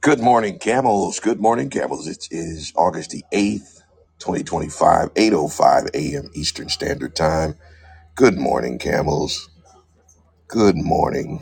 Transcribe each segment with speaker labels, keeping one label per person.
Speaker 1: Good morning, camels. Good morning, camels. It is August the 8th, eight oh five a.m. Eastern Standard Time. Good morning, camels. Good morning.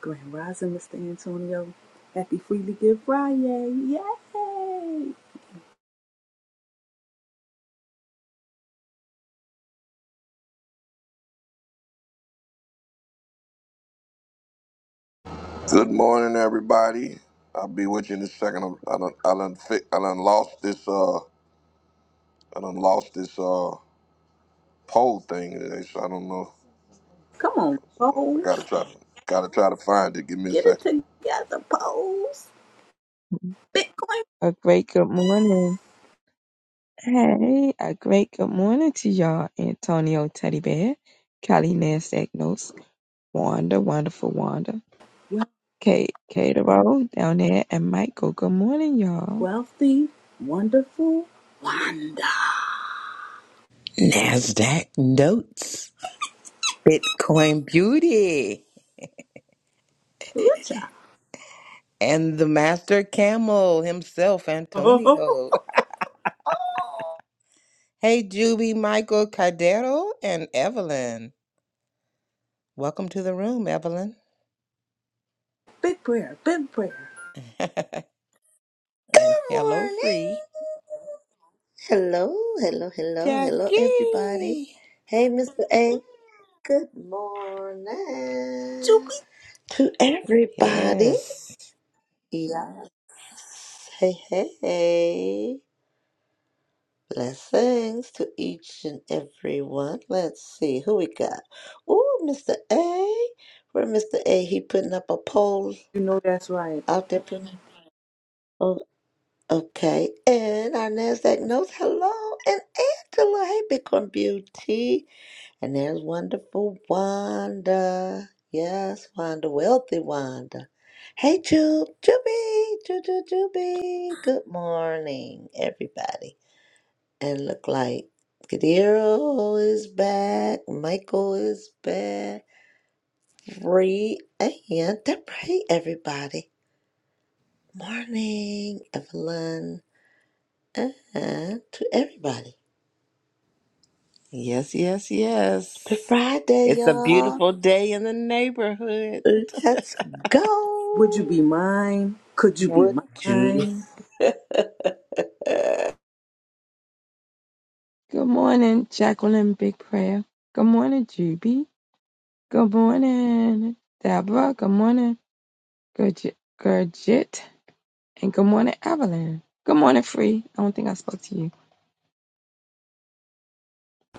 Speaker 2: Grand Rising, Mr. Antonio. Happy Freely Give Friday. Yay!
Speaker 1: Good morning, everybody. I'll be with you in a second. I done, I done, fi- I done lost this, uh, I done lost this, uh, poll thing today, so I don't know.
Speaker 2: Come on,
Speaker 1: I gotta
Speaker 2: Pose.
Speaker 1: try gotta try to find it. Give me a
Speaker 2: Get it
Speaker 1: second.
Speaker 2: together, Pose. Bitcoin.
Speaker 3: A great good morning. Hey, a great good morning to y'all, Antonio Teddy Bear, Callie Nasdaq Notes, Wanda, Wonderful Wanda,
Speaker 2: You're
Speaker 3: Kate, Kate Rowe down there, and Michael. Good morning, y'all.
Speaker 2: wealthy, wonderful, wonder.
Speaker 4: NASDAQ notes, Bitcoin beauty,
Speaker 2: Ooh, child.
Speaker 4: and the master camel himself,
Speaker 2: Oh,
Speaker 4: Antonio.
Speaker 2: oh.
Speaker 4: Hey, Juby, Michael Cardero, and Evelyn. Welcome to the room, Evelyn.
Speaker 2: big prayer, big prayer.
Speaker 4: and hello,
Speaker 5: morning.
Speaker 4: free
Speaker 5: Hello, hello, hello, hello, everybody.
Speaker 4: Jackie.
Speaker 5: Hey, Mr. A. Good morning
Speaker 2: Juby.
Speaker 5: to everybody.
Speaker 4: Yes,
Speaker 5: Yes. Hey, hey, hey. Blessings to each and every one. Let's see who we got. Ooh, Mr. A. Where Mr. A? He putting up a poll
Speaker 2: You know that's right.
Speaker 5: out there. putting- oh, Okay, and our NASDAQ notes. Hello, and Angela. Hey, Bitcoin Beauty. And there's wonderful Wanda. Yes, Wanda, wealthy Wanda. Hey, Ju, Juby, Ju, Ju, Juby. Good morning, everybody. And look like Kadiro is back. Michael is back. Free and Deborah. Hey, everybody. Morning, Evelyn. And to everybody.
Speaker 4: yes, yes, yes.
Speaker 5: It's Friday,
Speaker 4: It's a
Speaker 5: y'all.
Speaker 4: beautiful day in the neighborhood.
Speaker 5: Let's
Speaker 2: Would
Speaker 5: go.
Speaker 2: you be mine? Could you be
Speaker 5: What you?
Speaker 2: mine?
Speaker 3: Good morning, Jacqueline Big Prayer. Good morning, Juby. Good morning, Deborah. Good morning, Gurjit. Gurjit. And good morning, Evelyn. Good morning, Free. I don't think I spoke to you.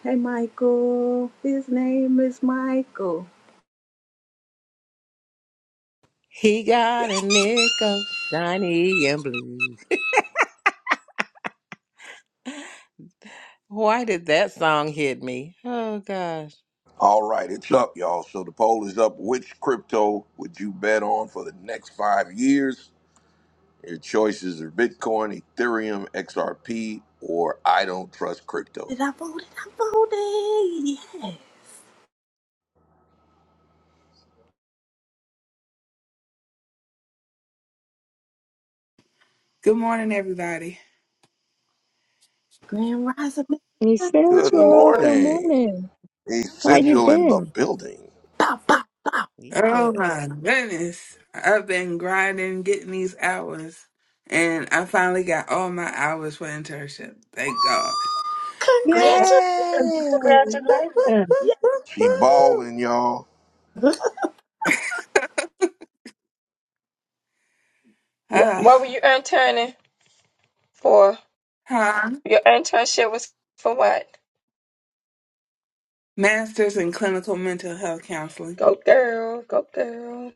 Speaker 2: Hey, Michael. His name is Michael.
Speaker 4: He got a nickel, shiny and blue. Why did that song hit me? Oh gosh.
Speaker 1: All right, it's up, y'all. So the poll is up. Which crypto would you bet on for the next five years? Your choices are Bitcoin, Ethereum, XRP, or I don't trust crypto.
Speaker 2: Did I vote? Did I vote? Yeah.
Speaker 6: Good morning, everybody.
Speaker 2: Grand Rising Mr.
Speaker 1: Good
Speaker 2: Central.
Speaker 3: Essential, good
Speaker 1: morning.
Speaker 3: morning. How you
Speaker 4: Boy,
Speaker 1: Essential in
Speaker 3: been?
Speaker 1: the building.
Speaker 2: Bow, bow.
Speaker 4: we,
Speaker 6: Oh
Speaker 4: yes.
Speaker 6: my goodness. I've been grinding, getting these hours, and I finally got all my hours for internship. Thank God.
Speaker 3: Yeah.
Speaker 5: Yay! Woo, woo, woo,
Speaker 3: Congratulations.
Speaker 5: woo,
Speaker 1: She
Speaker 5: woo.
Speaker 1: balling, y'all.
Speaker 2: Congratulations.
Speaker 3: Wh-
Speaker 6: Ah,
Speaker 3: What were you interning for?
Speaker 6: huh?
Speaker 3: Your internship was for what?
Speaker 6: Masters in clinical mental health counseling.
Speaker 3: Go girl, go girl.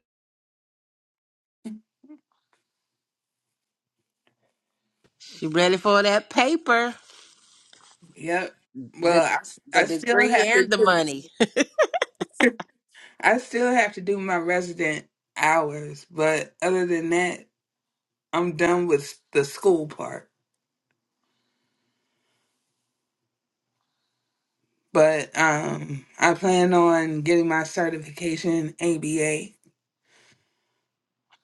Speaker 4: you ready for that paper.
Speaker 6: Yep. Well,
Speaker 4: The
Speaker 6: I,
Speaker 4: the
Speaker 6: I still
Speaker 4: degree
Speaker 6: have to
Speaker 4: and the
Speaker 6: do,
Speaker 4: money.
Speaker 6: I still have to do my resident hours, but other than that, I'm done with the school part. But um, I plan on getting my certification ABA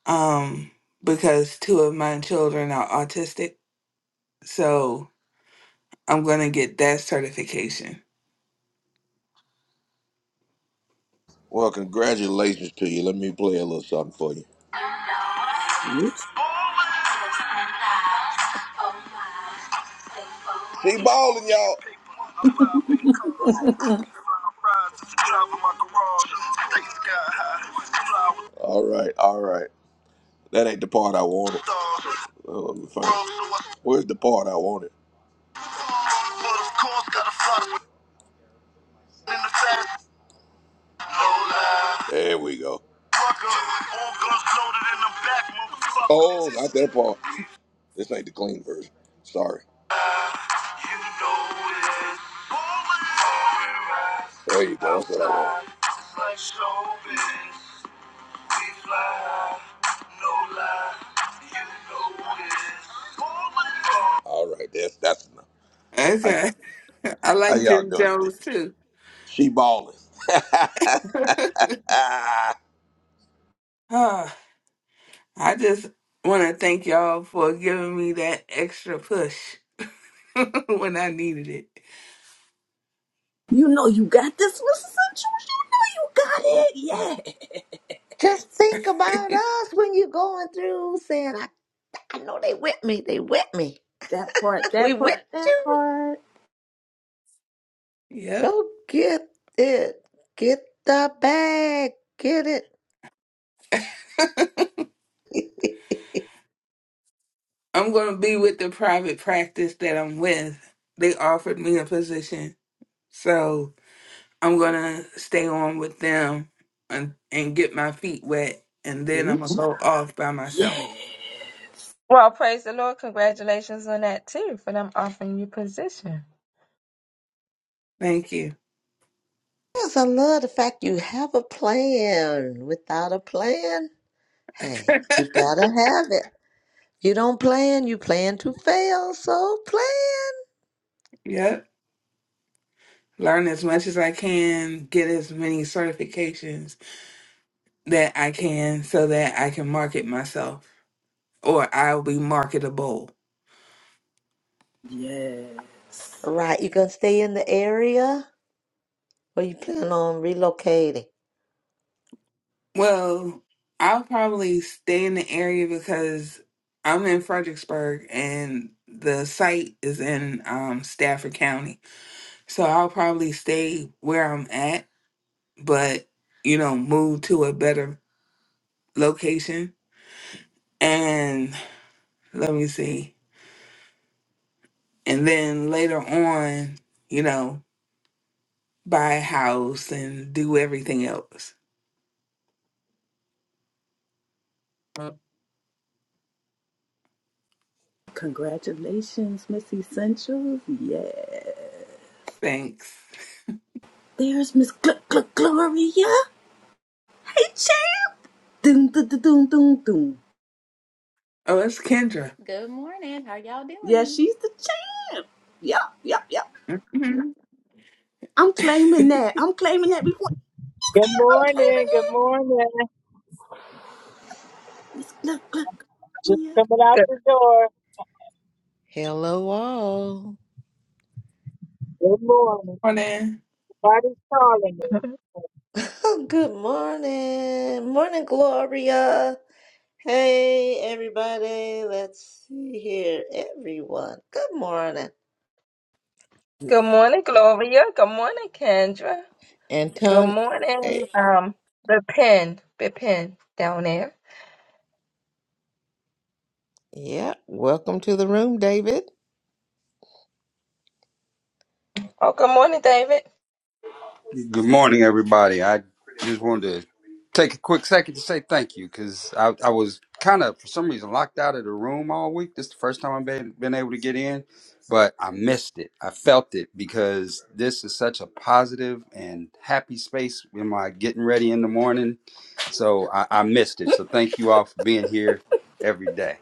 Speaker 6: um, because two of my children are autistic. So I'm going to get that certification.
Speaker 1: Well, congratulations to you. Let me play a little something for you.
Speaker 2: Oops.
Speaker 1: She balling, y'all. All right, all right. That ain't the part I wanted. Oh, let me find- it. Where's the part I wanted? No There we go. Oh, not that part. This ain't the clean version. Sorry. right. There you go. That's what I want. like no All right. That's that's enough. How, y-
Speaker 6: Okay. I
Speaker 1: how
Speaker 6: like
Speaker 1: y'all
Speaker 6: Jim
Speaker 1: doing today?
Speaker 6: Jones too.
Speaker 1: She balling.
Speaker 6: Ah, I just want to thank y'all for giving me that extra push when I needed it.
Speaker 2: You know you got this, Mr. Central. You got it. Yeah.
Speaker 5: Just think about us when you're going through saying, I, I know they with me. They with me.
Speaker 2: That part,
Speaker 5: We
Speaker 2: that part,
Speaker 5: with
Speaker 2: that
Speaker 5: you.
Speaker 2: part.
Speaker 6: Yep.
Speaker 5: Go get it. Get the bag. Get it.
Speaker 6: I'm going to be with the private practice that I'm with. They offered me a position. So I'm gonna stay on with them and, and get my feet wet, and then I'm
Speaker 2: Ooh,
Speaker 6: gonna
Speaker 2: child.
Speaker 6: go off by
Speaker 2: Yeah.
Speaker 6: myself.
Speaker 3: Well, praise the Lord. Congratulations on that too, for them offering you position.
Speaker 6: Thank you.
Speaker 5: Yes, I love the fact you have a plan. Without a plan, hey, you gotta have it. You don't plan, you plan to fail, so plan.
Speaker 6: Yep. Learn as much as I can, get as many certifications that I can so that I can market myself or I'll be marketable.
Speaker 2: Yes.
Speaker 5: Right, you gonna stay in the area or you plan on relocating?
Speaker 6: Well, I'll probably stay in the area because I'm in Fredericksburg and the site is in um, Stafford County. So I'll probably stay where I'm at but you know, move to a better location. And let me see. And then later on, you know, buy a house and do everything else.
Speaker 2: Congratulations, Miss Essentials. Yeah.
Speaker 6: Thanks.
Speaker 2: There's Miss Gl- Gl- Gloria. Hey, champ. Dun, dun, dun, dun, dun, dun.
Speaker 6: Oh, it's Kendra.
Speaker 7: Good morning. How y'all
Speaker 2: Yeah,
Speaker 7: doing?
Speaker 2: she's the champ. Yeah, yeah, yeah.
Speaker 6: Mhm.
Speaker 2: I'm claiming that. I'm claiming that before.
Speaker 8: Good
Speaker 2: I'm claiming
Speaker 8: morning. Good
Speaker 2: it.
Speaker 8: morning.
Speaker 2: It's Look, look,
Speaker 8: Just
Speaker 2: yeah.
Speaker 8: coming out
Speaker 3: Good.
Speaker 8: the door.
Speaker 4: Hello all.
Speaker 8: Good morning.
Speaker 6: Morning.
Speaker 8: Somebody's calling me.
Speaker 5: Oh, Good morning. Morning, Gloria. Hey, everybody. Let's see here. Everyone. Good morning.
Speaker 3: Good morning, Gloria. Good morning, Kendra. Good
Speaker 4: Anton eh,
Speaker 3: morning, um, the pin, the pin down there.
Speaker 4: yeah. Welcome to the room, David.
Speaker 3: Oh, good morning, David.
Speaker 9: Good morning, everybody. I just wanted to take a quick second to say thank you because I, I was kind of, for some reason, locked out of the room all week. This is the first time I've been, been able to get in, but I missed it. I felt it because this is such a positive and happy space in my getting ready in the morning. So I, I missed it. So thank you all for being here every day.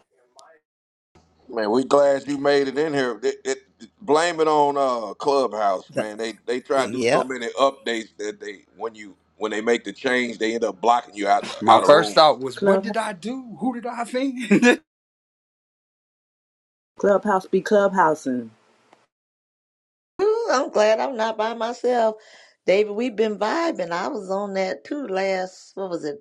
Speaker 1: man, we glad you made it in here. It- it- blame it on uh, Clubhouse,
Speaker 4: The,
Speaker 1: man. They they try to do so
Speaker 4: yep.
Speaker 1: many updates that they when you when they make the change, they end up blocking you out
Speaker 9: My
Speaker 1: out of
Speaker 9: first
Speaker 1: rooms.
Speaker 9: thought was, what
Speaker 2: Club,
Speaker 9: did I do? Who did I offend?
Speaker 2: clubhouse be clubhousing.
Speaker 5: Ooh, I'm glad I'm not by myself. David, we've been vibing. I was on that too last, what was it?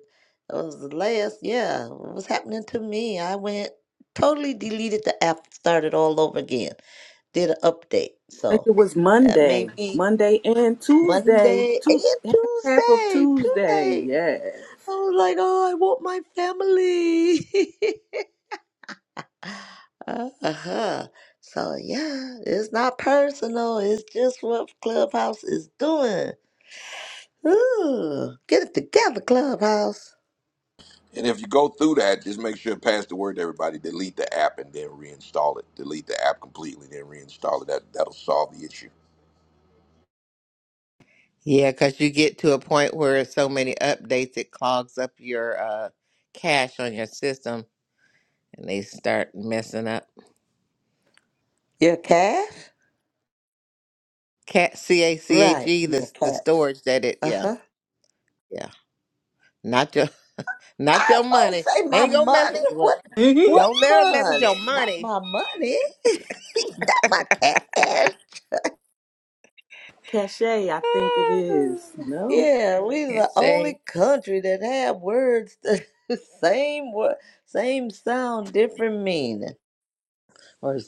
Speaker 5: It was the last, yeah. What was happening to me? I went totally deleted the app, started all over again, did an update.
Speaker 2: I think
Speaker 5: So
Speaker 2: it was
Speaker 5: that may
Speaker 2: Monday,
Speaker 5: be
Speaker 2: Monday and Tuesday.
Speaker 5: Monday and
Speaker 2: Two half of
Speaker 5: Tuesday, two
Speaker 2: Tuesday.
Speaker 5: days.
Speaker 2: Yes.
Speaker 5: I was like, oh, I want my family. uh-huh. So yeah, it's not personal. It's just what Clubhouse is doing. Ooh, get it together, Clubhouse.
Speaker 1: And if you go through that, just make sure to pass the word to everybody. Delete the app and then reinstall it. Delete the app completely, then reinstall it. That that'll solve the issue.
Speaker 4: Yeah, because you get to a point where so many updates it clogs up your uh cache on your system and they start messing up.
Speaker 5: Your cash?
Speaker 4: Cat C A C H
Speaker 5: Right,
Speaker 4: E
Speaker 5: your
Speaker 4: the the
Speaker 5: cash.
Speaker 4: storage that it yeah.
Speaker 5: Uh-huh.
Speaker 4: Yeah. Not your Not
Speaker 5: I
Speaker 4: your
Speaker 5: was
Speaker 4: money.
Speaker 5: gonna say
Speaker 4: They
Speaker 5: my
Speaker 4: ain't gonna mess
Speaker 5: money.
Speaker 4: with What?
Speaker 5: What? What
Speaker 4: Don't let them mess with your
Speaker 5: money? Not
Speaker 4: money.
Speaker 5: my money. Not my cash.
Speaker 2: Cachet, I think it is. No.
Speaker 5: Yeah, we the
Speaker 4: Can't say.
Speaker 5: only country that have words the same word, same sound, different meaning.
Speaker 4: Or,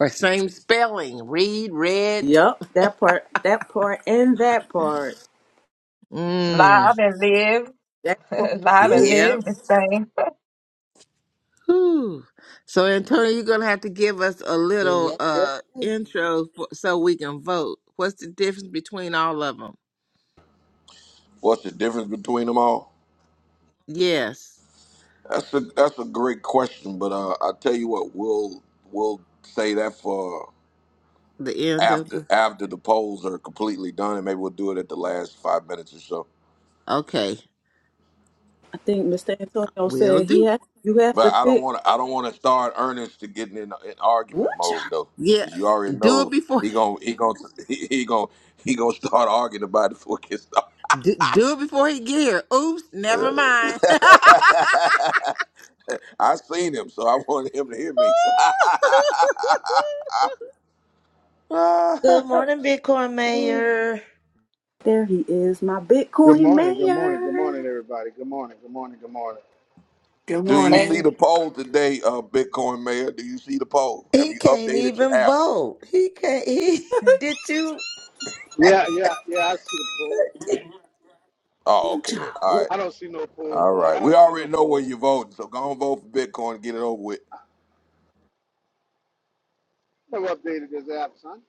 Speaker 4: or same spelling. Read, read.
Speaker 2: Yup. That part. That part and that part.
Speaker 4: Mm.
Speaker 3: Live and live,
Speaker 2: That part
Speaker 3: live and
Speaker 4: Yeah.
Speaker 2: too.
Speaker 3: live this thing.
Speaker 4: Whew. So, Antonio, you're gonna have to give us a little
Speaker 5: Yes,
Speaker 4: uh
Speaker 5: yes. yes.
Speaker 4: intro for, so we can vote. What's the difference between all of them?
Speaker 1: What's the difference between them all?
Speaker 4: Yes.
Speaker 1: That's a that's a great question, but uh, I tell you what, we'll we'll say that for.
Speaker 4: The end of
Speaker 1: after
Speaker 4: the.
Speaker 1: after the polls are completely done, and maybe we'll do it at the last five minutes or so.
Speaker 4: Okay.
Speaker 2: I think Mr. Antonio
Speaker 4: Will
Speaker 2: said he
Speaker 4: do.
Speaker 2: had. You have
Speaker 1: But
Speaker 2: to
Speaker 1: I don't
Speaker 2: pick.
Speaker 1: want to. I don't want to start Ernest to getting in, in argument
Speaker 2: Which
Speaker 1: mode though,
Speaker 4: Yeah.
Speaker 1: because you already
Speaker 4: Do it
Speaker 1: know
Speaker 4: before.
Speaker 1: he gon' he gon' he, he gon' he gonna start arguing about it before it gets started.
Speaker 4: Do, do it before he get here. Oops, never mind.
Speaker 1: Uh, I seen him, so I wanted him to hear me.
Speaker 5: Good morning, Bitcoin Mayor.
Speaker 2: there he is, my
Speaker 10: Good
Speaker 2: Bitcoin
Speaker 10: morning, good morning, good morning,
Speaker 2: mayor.
Speaker 10: everybody. Good morning, good morning, good morning.
Speaker 6: Good
Speaker 1: Do you
Speaker 6: morning.
Speaker 1: see
Speaker 5: And
Speaker 1: the poll today, uh, Bitcoin Mayor? Do you see the poll? Have
Speaker 5: he
Speaker 1: you
Speaker 5: can't
Speaker 1: updated your
Speaker 5: even
Speaker 1: app?
Speaker 5: vote. He can't. He did you?
Speaker 10: Yeah, yeah, yeah, I see the poll.
Speaker 1: Oh, okay then.
Speaker 2: Hallelujah.
Speaker 1: All
Speaker 2: Oh,
Speaker 1: right.
Speaker 10: I don't see no poll,
Speaker 1: All
Speaker 10: boy. I
Speaker 1: right. We
Speaker 10: don't see no
Speaker 1: already know where
Speaker 10: poll.
Speaker 1: you're voting, so go and vote for Bitcoin. and Get it over with.
Speaker 10: Never updated this app, son.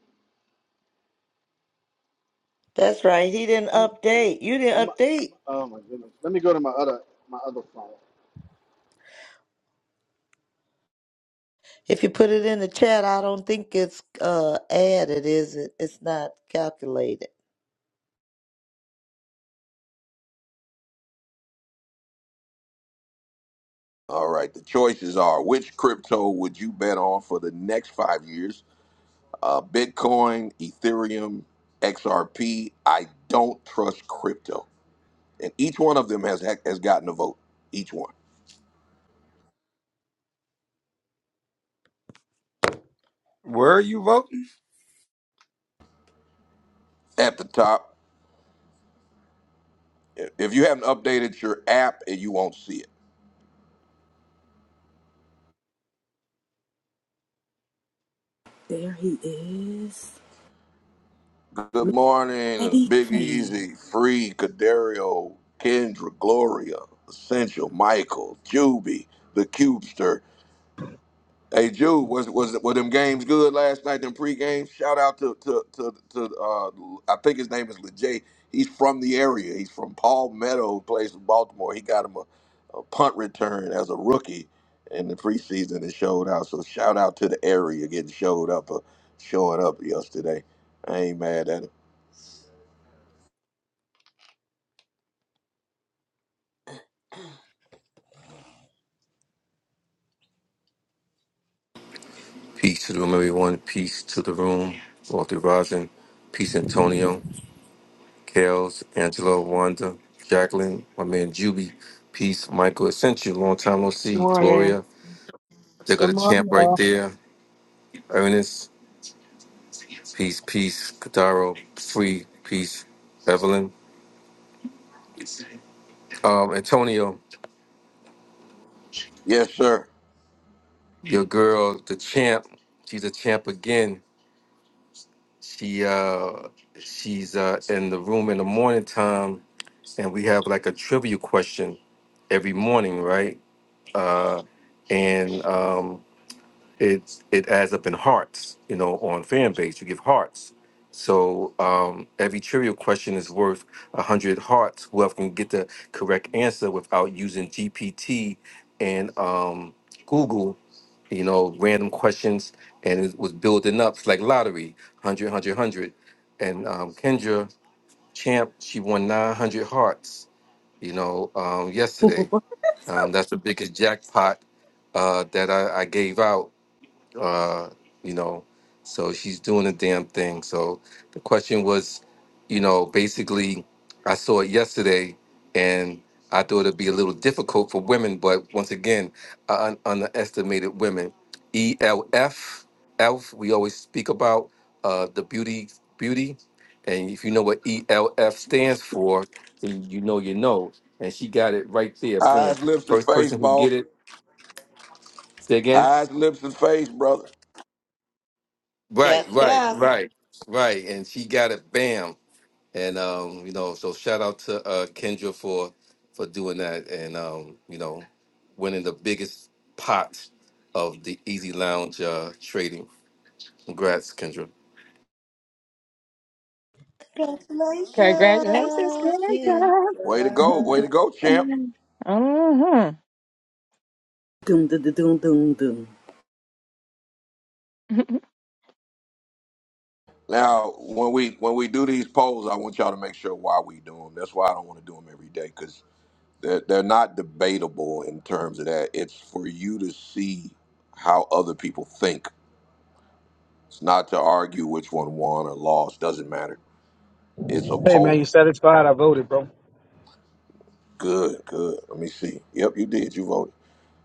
Speaker 5: That's right. He didn't
Speaker 10: I'm,
Speaker 5: update. You
Speaker 10: I'm,
Speaker 5: didn't update.
Speaker 10: oh my goodness. Let me go to my other, my other phone.
Speaker 5: If you put it in the chat, I don't think it's uh added, is it? It's not calculated.
Speaker 1: All right. The choices are which crypto would you bet on for the next five years? Uh, Bitcoin, Ethereum, XRP. I don't trust crypto. And each one of them has has gotten a vote. Each one.
Speaker 9: Where are you voting?
Speaker 1: At the top. If you haven't updated your app, you won't see it.
Speaker 2: there he is.
Speaker 1: Good
Speaker 2: Miss
Speaker 1: morning,
Speaker 2: Eddie
Speaker 1: Big
Speaker 2: King.
Speaker 1: Easy, Free, Cadario, Kendra, Gloria, Essential, Michael, Juby, the Cubester. Hey, Jude, was was were them games good last night? Them pre-games. Shout out to to to, to uh, I think his name is Lejay. He's from the area. He's from Palmetto, who plays in Baltimore. He got him a, a punt return as a rookie in the preseason and showed out. So shout out to the area getting showed up, uh, showing up yesterday. I ain't mad at him.
Speaker 11: Peace to the room, everyone. Peace to the room. Walter Rosin. Peace, Antonio. Kels, Angelo, Wanda, Jacqueline, my man Juby. Peace, Michael Essential. Long time no
Speaker 6: Good
Speaker 11: see.
Speaker 6: morning.
Speaker 11: Gloria. They
Speaker 8: Good
Speaker 11: got a champ right
Speaker 8: morning.
Speaker 11: there. Ernest. Peace, peace. Kadaro. Free. Peace. Evelyn. Um, Antonio,
Speaker 1: Yes, sir.
Speaker 11: your girl, the champ. She's a champ again. She uh she's uh in the room in the morning time and we have like a trivia question every morning, right? And um it it adds up in hearts, you know, on fan base. You give hearts. So um every trivia question is worth a hundred hearts. Whoever can get the correct answer without using GPT and um Google you know, random questions, and it was building up. It's like lottery, 100, And um, Kendra Champ, she won 900 hearts, you know, um, yesterday. Um, that's the biggest jackpot uh, that I, I gave out uh, you know, so she's doing a damn thing. So the question was, you know, basically, I saw it yesterday, and I thought it'd be a little difficult for women, but once again, I un- underestimated women. ELF, ELF, we always speak about uh, the beauty, beauty, and if you know what ELF stands for, then you know you know. And she got it right there. Boom.
Speaker 1: Eyes, lips, and
Speaker 11: First
Speaker 1: face,
Speaker 11: person who
Speaker 1: boss.
Speaker 11: get it. Say again.
Speaker 1: Eyes, lips, and face, brother.
Speaker 11: Right,
Speaker 5: Yes,
Speaker 11: right,
Speaker 5: yes.
Speaker 11: right, right. And she got it bam. And um, you know, so shout out to uh Kendra for for doing that and um, you know, winning the biggest pot of the Easy Lounge uh trading. Congrats, Kendra.
Speaker 3: Congratulations,
Speaker 5: Congratulations. Jen.
Speaker 3: Kendra.
Speaker 1: Way to go. Way to go, champ.
Speaker 3: Mhm.
Speaker 2: doom, doom, doom, doom, doom.
Speaker 1: Now, when we when we do these polls, I want y'all to make sure why we do them. That's why I don't want to do them every day because they're, they're not debatable in terms of that. It's for you to see how other people think. It's not to argue which one won or lost. Doesn't matter. It's a
Speaker 10: Hey man, you
Speaker 1: poll.
Speaker 10: satisfied? I voted, bro.
Speaker 1: Good, good. Let me see. Yep, you did. You voted.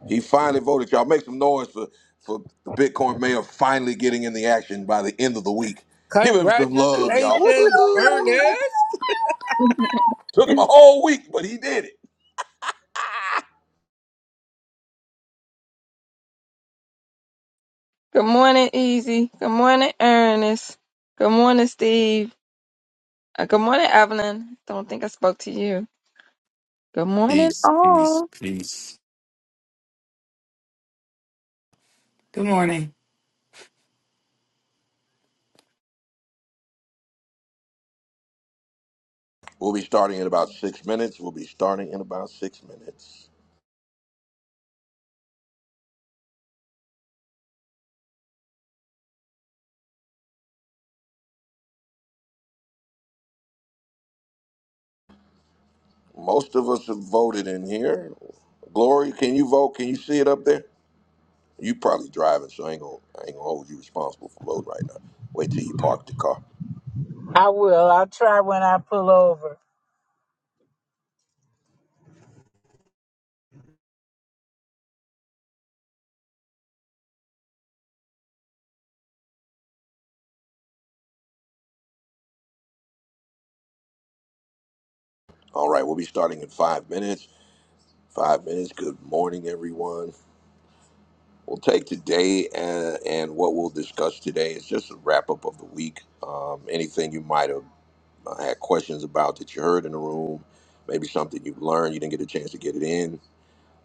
Speaker 1: He finally voted. Y'all make some noise for, for the Bitcoin mayor finally getting in the action by the end of the week. Give him some love, y'all.
Speaker 4: Congratulations,
Speaker 1: Woo-hoo-hoo.
Speaker 4: Ernest.
Speaker 1: Took him a whole week, but he did it.
Speaker 3: Good morning, Easy. Good morning, Ernest. Good morning, Steve. Uh, good morning, Evelyn. Don't think I spoke to you. Good morning,
Speaker 11: Peace, peace,
Speaker 3: all.
Speaker 11: peace.
Speaker 6: Good morning.
Speaker 1: We'll be starting in about six minutes. We'll be starting in about six minutes. Most of us have voted in here. Glory, can you vote? Can you see it up there? You probably driving, so I ain't gonna, I ain't gonna hold you responsible for voting right now. Wait till you park the car.
Speaker 8: I will. I'll try when I pull over.
Speaker 1: All right, we'll be starting in five minutes. Five minutes. Good morning, everyone. We'll take today and, and what we'll discuss today is just a wrap up of the week. Um, anything you might have uh, had questions about that you heard in the room, maybe something you learned, you didn't get a chance to get it in.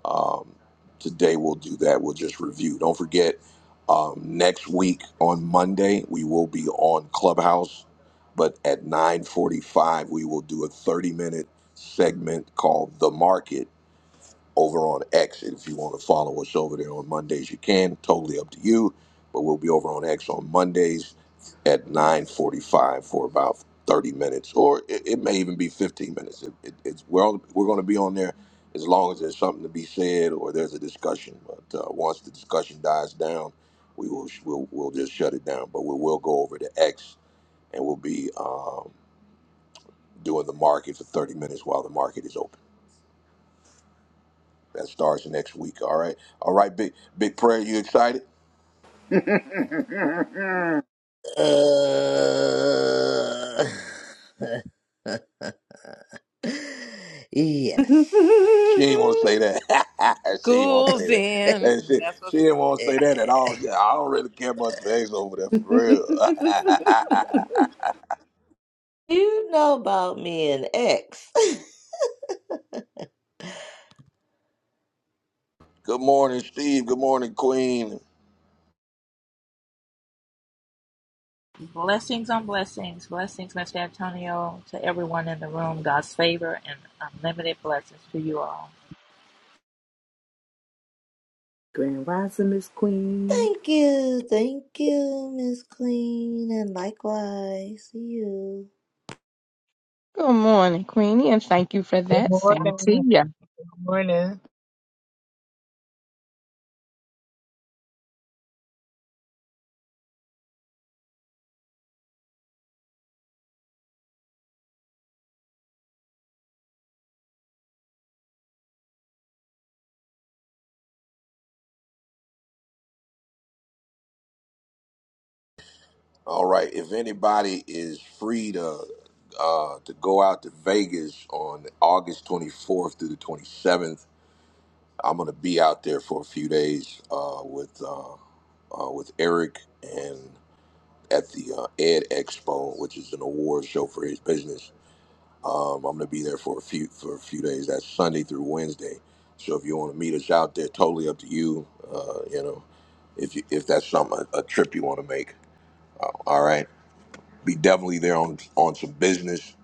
Speaker 1: Um, today we'll do that. We'll just review. Don't forget, um, next week on Monday, we will be on Clubhouse, but at 9.45, we will do a 30 minute segment called The Market over on X. if you want to follow us over there on Mondays, you can. Totally up to you. But we'll be over on X on Mondays at 9:45 for about 30 minutes, or it, it may even be 15 minutes. It, it, it's we're all, we're going to be on there as long as there's something to be said or there's a discussion. But uh, once the discussion dies down, we will we'll, we'll just shut it down. But we will go over to X and we'll be um, doing the market for 30 minutes while the market is open. That starts next week. All right. All right, big big prayer. You excited?
Speaker 5: Uh, yes.
Speaker 1: She ain't want to say that. she ain't want to
Speaker 4: School's
Speaker 1: say that.
Speaker 4: in.
Speaker 1: And she,
Speaker 4: That's
Speaker 1: she
Speaker 4: what's
Speaker 1: didn't want to say that at
Speaker 5: Eh,
Speaker 1: all. She, I don't really care much for Ace over there, for real.
Speaker 5: You know about me and X.
Speaker 1: Good morning, Steve. Good morning, Queen.
Speaker 12: Blessings on blessings, blessings, Mr. Antonio, to everyone in the room. God's favor and unlimited blessings to you all.
Speaker 2: Grand Rising Miss Queen.
Speaker 5: thank you. Thank you, Miss Queen. And likewise, See you.
Speaker 3: Good morning, Queenie, and thank you for
Speaker 8: Good
Speaker 3: that,
Speaker 8: morning.
Speaker 3: Santia.
Speaker 8: Good morning.
Speaker 1: All right. If anybody is free to uh, to go out to Vegas on August 24th through the 27th, I'm gonna be out there for a few days uh, with uh, uh, with Eric and. at the uh, Ed Expo, which is an award show for his business. Um, I'm going to be there for a few for a few days. That's Sunday through Wednesday. So if you want to meet us out there, totally up to you. Uh, you know, if you, if that's something a, a trip you want to make, all right, be definitely there on on some business.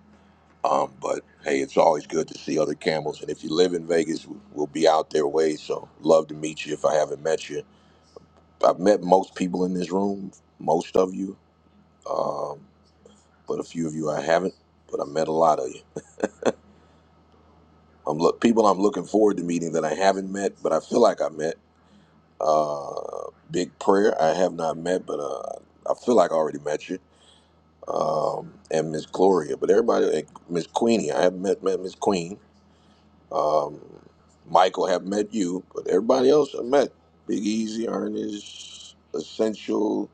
Speaker 1: Um, but hey, it's always good to see other camels. And if you live in Vegas, we- will be out there way. So love to meet you if I haven't met you. I've met most people in this room, most of you. Um, but a few of you I haven't, but I met a lot of you. I'm look people I'm looking forward to meeting that I haven't met, but I feel like I met. Uh, Big Prayer I have not met, but uh, I feel like I already met you. Um, and Miss Gloria, but everybody and Miss Queenie I haven't met met Miss Queen. Michael have met you, but everybody else I met Big Easy, Ernest, Essential,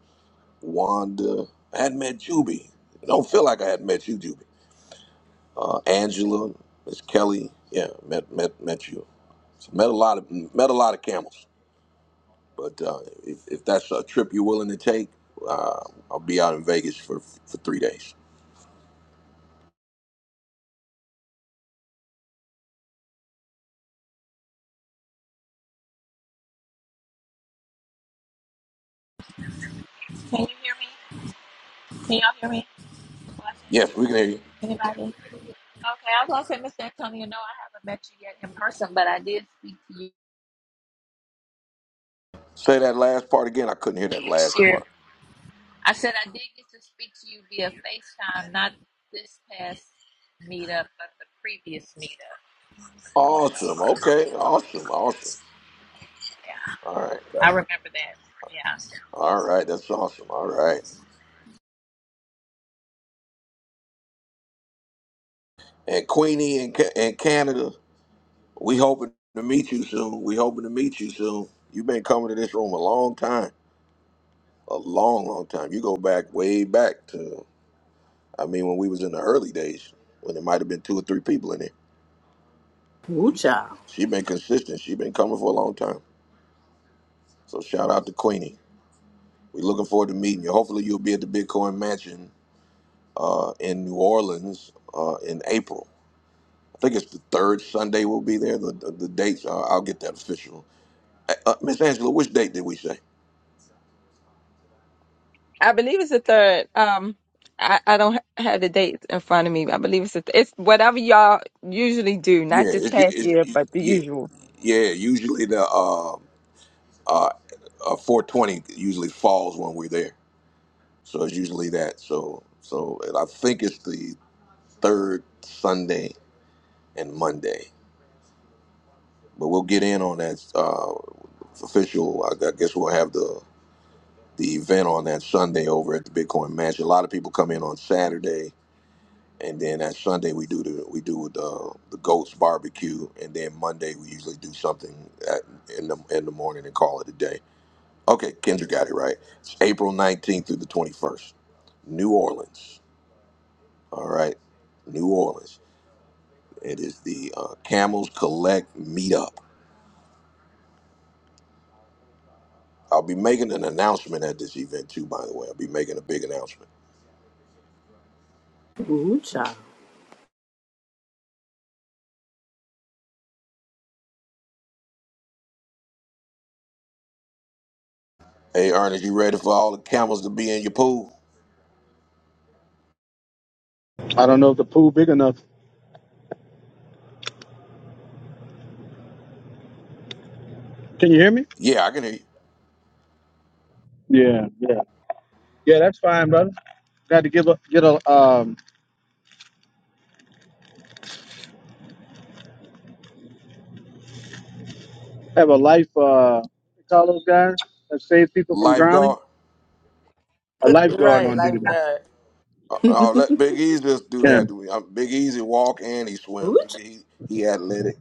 Speaker 1: Wanda. I hadn't met Juby. I don't feel like I had met you, Juby. Uh, Angela, Miss Kelly. Yeah, met met met you. So met a lot of met a lot of camels. But uh, if, if that's a trip you're willing to take, uh, I'll be out in Vegas for for three days.
Speaker 12: Can you hear me? Can y'all hear me?
Speaker 1: Yes,
Speaker 12: Blessings.
Speaker 1: we can hear you.
Speaker 12: Anybody? Okay, I was gonna say, Mr. Antonio, no, I haven't met you yet in person, but I did speak to you
Speaker 1: Say that last part again. I couldn't hear that
Speaker 12: this
Speaker 1: last
Speaker 12: year.
Speaker 1: part.
Speaker 12: I said I did get to speak to you via FaceTime, not this past meetup, but the previous meetup. So,
Speaker 1: Awesome. Okay. Awesome. Awesome.
Speaker 12: yeah,
Speaker 1: All right.
Speaker 12: I
Speaker 1: Got it.
Speaker 12: remember that. Yeah,
Speaker 1: All right. That's awesome. All right. And Queenie in, Ca- in Canada, we hoping to meet you soon. We hoping to meet you soon. You've been coming to this room a long time, a long, long time. You go back way back to I mean, when we was in the early days, when there might have been two or three people in there, she
Speaker 2: Ooh,
Speaker 1: been,
Speaker 2: child.
Speaker 1: consistent. She been coming for a long time. So shout out to Queenie. we are looking forward to meeting you. Hopefully, you'll be at the Bitcoin Mansion uh, in New Orleans uh, in April. I think it's the third Sunday we'll be there. The the, the dates uh, I'll get that official. Uh, uh, Miss Angela, which date did we say?
Speaker 3: I believe it's the third. Um, I, I don't ha- have the date in front of me. I believe it's the th- it's whatever y'all usually do, not
Speaker 1: Yeah,
Speaker 3: this
Speaker 1: it's, u-
Speaker 3: past
Speaker 1: it's
Speaker 3: year,
Speaker 1: u-
Speaker 3: but the
Speaker 1: yeah,
Speaker 3: usual.
Speaker 1: yeah. Usually the uh, uh, uh, 420 usually falls when we're there. So it's usually that. So so and I think it's the third Sunday and Monday. But we'll get in on that uh, official. I, I guess we'll have the the event on that Sunday over at the Bitcoin Mansion. A lot of people come in on Saturday, and then that Sunday we do the we do the the goats barbecue, and then Monday we usually do something at, in the in the morning and call it a day. Okay, Kendra got it right. It's April nineteenth through the twenty first, New Orleans. All right. New Orleans. It is the uh, Camels Collect Meetup. I'll be making an announcement at this event too, by the way. I'll be making a big announcement.
Speaker 2: Ooh, child.
Speaker 1: Hey, Ernest, you ready for all the camels to be in your pool?
Speaker 10: I don't know if the pool big enough. Can you hear me?
Speaker 1: Yeah, I can hear you.
Speaker 10: Yeah, yeah. Yeah, that's fine, brother. Got to give a, get a, um, have a life, uh, they call those guys that save people from drowning?
Speaker 1: Lifeguard.
Speaker 10: A lifeguard
Speaker 5: Right,
Speaker 10: on duty.
Speaker 5: lifeguard.
Speaker 1: Uh, uh, let Big Easy just do
Speaker 10: Yeah.
Speaker 1: that. to me. Uh, Big Easy walk and he swim.
Speaker 2: Ooh, child.
Speaker 1: He, he, he athletic.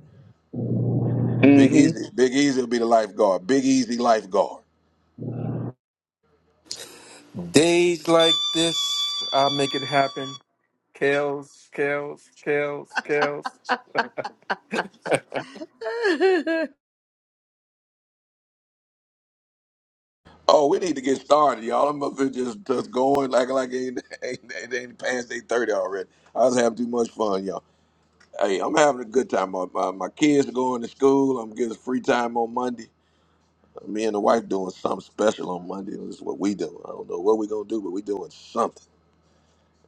Speaker 1: Big
Speaker 10: Mm-hmm.
Speaker 1: Easy. Big Easy will be the lifeguard. Big Easy lifeguard.
Speaker 11: Days like this, I make it happen. Kales, Kales, Kales, Kales.
Speaker 1: Oh, we need to get started, y'all. I'm up here just, just going, like like ain't, ain't, ain't, ain't past 8.30 already. I was having too much fun, y'all. Hey, I'm having a good time. My, my, my kids are going to school. I'm getting free time on Monday. Me and the wife doing something special on Monday. This is what we do. I don't know what we're gonna do, but we're doing something.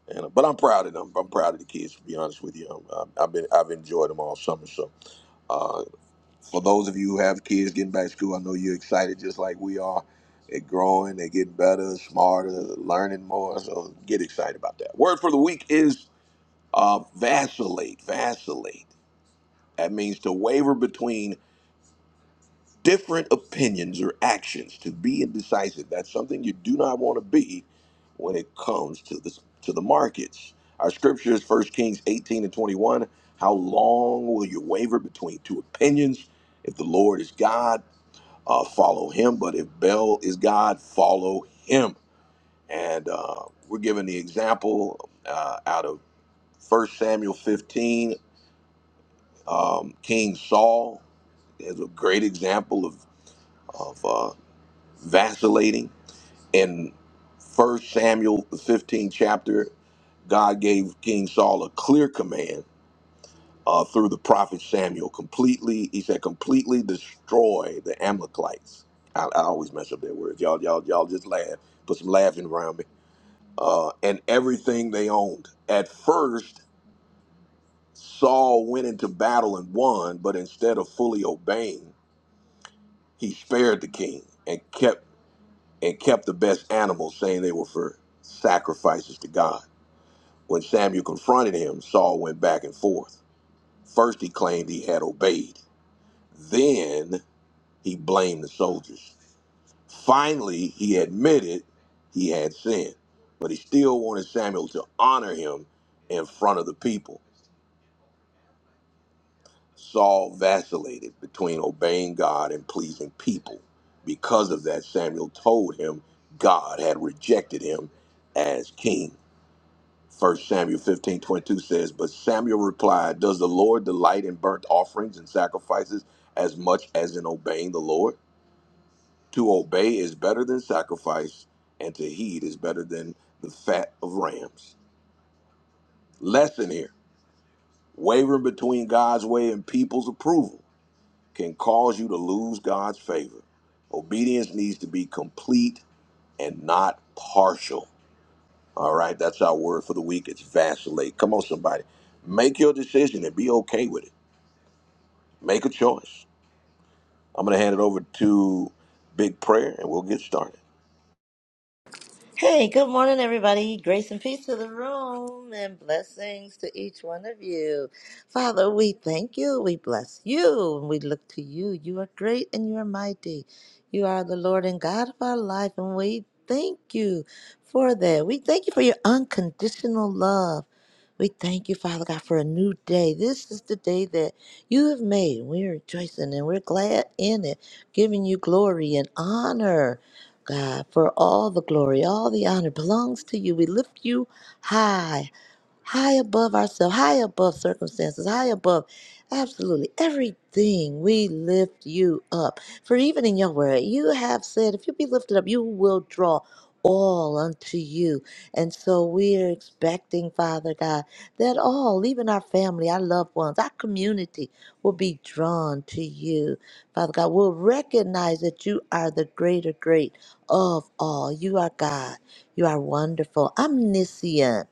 Speaker 1: And uh, but I'm proud of them. I'm proud of the kids. To be honest with you, Um, I- I've been I've enjoyed them all summer. So uh, for those of you who have kids getting back to school, I know you're excited just like we are. They're growing. They're getting better, smarter, learning more. So get excited about that. Word for the week is uh, vacillate. Vacillate. That means to waver between different opinions or actions to be indecisive. That's something you do not want to be when it comes to the to the markets. Our scripture is First Kings 18 and 21. How long will you waver between two opinions? If the Lord is God, uh, follow him. But if Baal is God, follow him. And uh, we're given the example uh, out of First Samuel 15. Um, King Saul is a great example of, of uh, vacillating. In First Samuel, the 15th chapter, God gave King Saul a clear command uh, through the prophet Samuel. Completely, he said, completely destroy the Amalekites. I, I always mess up their words. Y'all, y'all, y'all just laugh. Put some laughing around me. Uh, and everything they owned. At first, Saul went into battle and won, but instead of fully obeying, he spared the king and kept and kept the best animals, saying they were for sacrifices to God. When Samuel confronted him, Saul went back and forth. First, he claimed he had obeyed. Then, he blamed the soldiers. Finally, he admitted he had sinned, but he still wanted Samuel to honor him in front of the people. Saul vacillated between obeying God and pleasing people. Because of that, Samuel told him God had rejected him as king. First Samuel 15 22 says, But Samuel replied, Does the Lord delight in burnt offerings and sacrifices as much as in obeying the Lord? To obey is better than sacrifice, and to heed is better than the fat of rams. Lesson here wavering between God's way and people's approval can cause you to lose God's favor. Obedience needs to be complete and not partial. All right, that's our word for the week. It's vacillate. Come on, somebody. Make your decision and be okay with it. Make a choice. I'm going to hand it over to Big Prayer and we'll get started.
Speaker 5: Hey, good morning, everybody. Grace and peace to the room and blessings to each one of you. Father, we thank you. We bless you and we look to you. You are great and you are mighty. You are the Lord and God of our life, and we thank you for that. We thank you for your unconditional love. We thank you, Father God, for a new day. This is the day that you have made. We're rejoicing and we're glad in it, giving you glory and honor. God, for all the glory, all the honor belongs to you. We lift you high, high above ourselves, high above circumstances, high above absolutely everything. We lift you up. For even in your word, you have said, if you be lifted up, you will draw all unto you. And so we are expecting, Father God, that all, even our family, our loved ones, our community will be drawn to you. Father God, we'll recognize that you are the greater great of all. You are God. You are wonderful, omniscient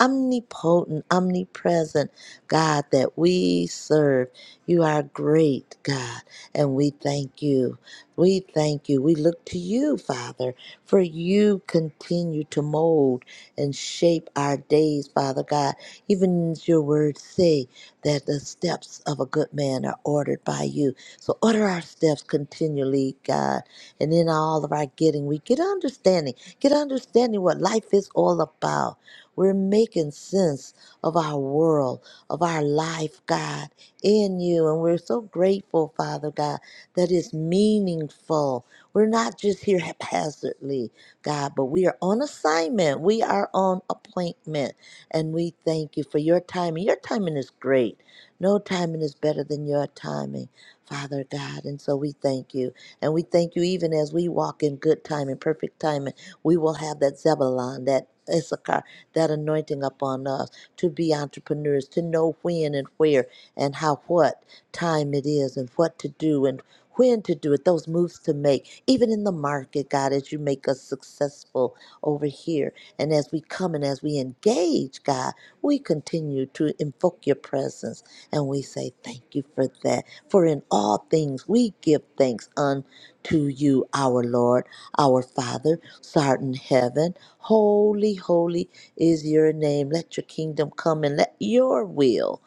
Speaker 5: omnipotent, omnipresent God that we serve. You are great, God, and we thank you. We thank you. We look to you, Father, for you continue to mold and shape our days, Father God. Even as your words say that the steps of a good man are ordered by you. So order our steps continually, God. And in all of our getting, we get understanding. Get understanding what life is all about we're making sense of our world, of our life, God, in you. And we're so grateful, Father God, that it's meaningful. We're not just here haphazardly, God, but we are on assignment. We are on appointment. And we thank you for your timing. Your timing is great. No timing is better than your timing, Father God. And so we thank you. And we thank you even as we walk in good timing, perfect timing. We will have that Zebulon, that Issachar that anointing upon us to be entrepreneurs, to know when and where and how what time it is and what to do and when to do it, those moves to make, even in the market, God, as you make us successful over here. And as we come and as we engage, God, we continue to invoke your presence and we say, Thank you for that. For in all things we give thanks unto you, our Lord, our Father, Sart in heaven. Holy, holy is your name. Let your kingdom come and let your will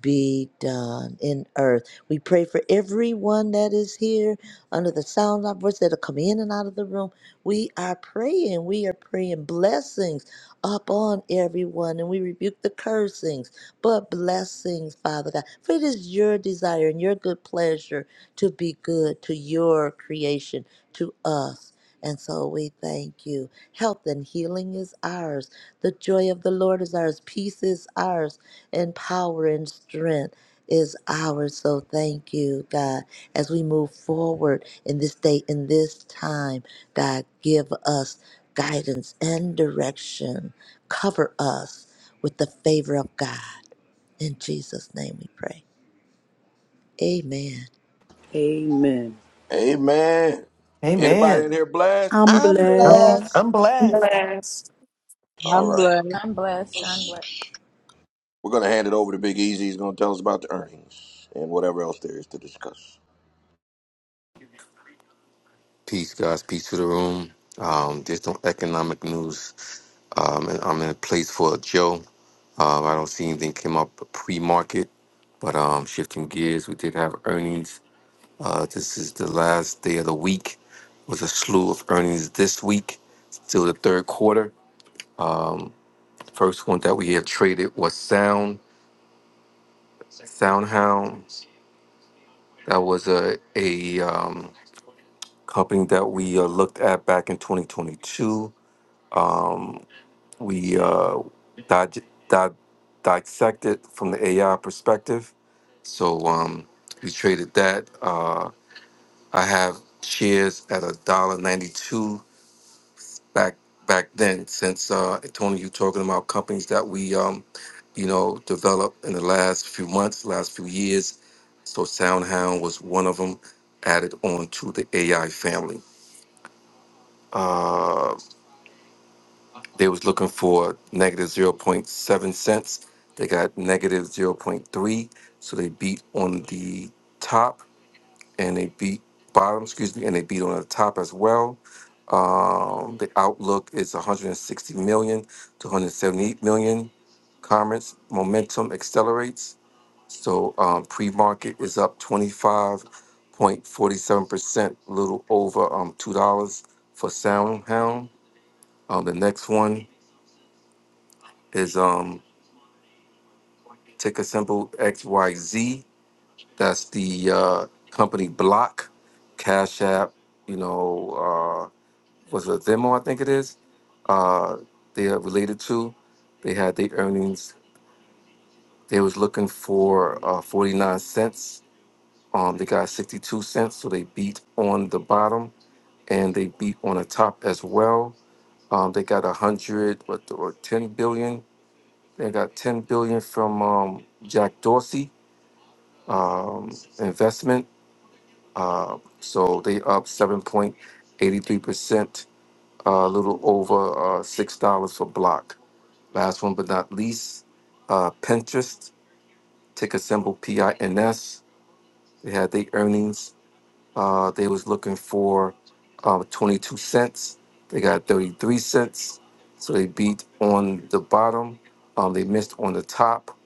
Speaker 5: be done in earth. We pray for everyone that is here under the sound of our voice that'll come in and out of the room. We are praying. We are praying blessings upon everyone and we rebuke the cursings, but blessings, Father God. For it is your desire and your good pleasure to be good to your creation, to us. And so we thank you. Health and healing is ours the joy of the Lord is ours. Peace is ours. And power and strength is ours. So thank you, God. As we move forward in this day, in this time, God, give us guidance and direction. Cover us with the favor of God. In Jesus' name we pray. Amen.
Speaker 2: Amen.
Speaker 1: Amen. Anybody
Speaker 13: Amen.
Speaker 1: in here blessed?
Speaker 2: I'm
Speaker 5: I'm
Speaker 13: I'm,
Speaker 2: blessed.
Speaker 3: Yeah.
Speaker 5: blessed.
Speaker 13: I'm blessed.
Speaker 6: Yes.
Speaker 1: All
Speaker 8: I'm
Speaker 1: right.
Speaker 8: blessed.
Speaker 12: I'm blessed. I'm blessed.
Speaker 1: We're going to hand it over to Big Easy. He's going to tell us about the earnings and whatever else there is to discuss.
Speaker 11: Peace, guys. Peace to the room. Um, there's no economic news. Um, and I'm in place for Joe. Um, I don't see anything came up pre-market, but um, shifting gears, we did have earnings. Uh, this is the last day of the week. Was a slew of earnings this week, still the third quarter. Um, first one that we had traded was Sound SoundHound. That was a a um, company that we uh, looked at back in 2022. Um, we uh, dig- di- dissect it from the AI perspective. So um, we traded that. Uh, I have shares at a dollar ninety two back back then. Since uh, Tony, you talking about companies that we um, you know developed in the last few months, last few years. So SoundHound was one of them added on to the AI family. Uh, They was looking for negative zero point 0.7 cents. They got negative zero point 0.3. So they beat on the top and they beat bottom, excuse me, and they beat on the top as well. Um, the outlook is 160 million to 178 million comments. Momentum accelerates. So um, pre-market is up 25.47%, a little over um, $2 for Soundhound. Um, the next one is um, ticker symbol XYZ. That's the uh, company Block, Cash App, you know, uh, was a Venmo, I think it is. Uh, they are related to. They had their earnings. They was looking for uh, 49 cents. Um, they got 62 cents, so they beat on the bottom and they beat on the top as well. Um, they got 100, what, or 10 billion. They got 10 billion from um, Jack Dorsey um, investment Um, so they up 7.83%, uh, a little over uh, $6 for block. Last one but not least, uh, Pinterest, ticker symbol PINS. They had their earnings. Uh, they was looking for uh, 22 cents. They got 33 cents. So they beat on the bottom. Um, they missed on the top.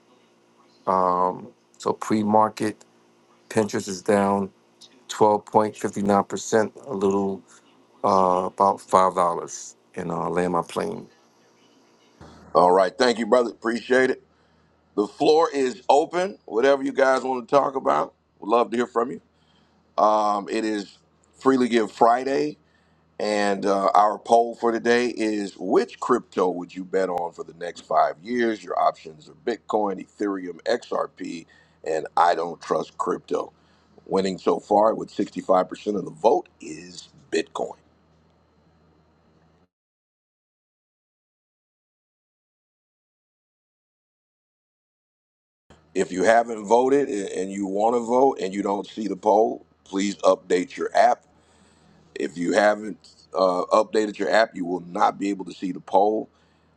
Speaker 11: Um, so pre-market, Pinterest is down 12.59%, a little Uh, about five dollars, and I'll land my plane.
Speaker 1: All right. Thank you, brother. Appreciate it. The floor is open. Whatever you guys want to talk about, we'd love to hear from you. Um, it is Freely Give Friday. And uh, our poll for today is which crypto would you bet on for the next five years? Your options are Bitcoin, Ethereum, XRP, and I don't trust crypto. Winning so far with 65% of the vote is Bitcoin. If you haven't voted and and you want to vote and you don't see the poll, please update your app If you haven't uh, updated your app, you will not be able to see the poll.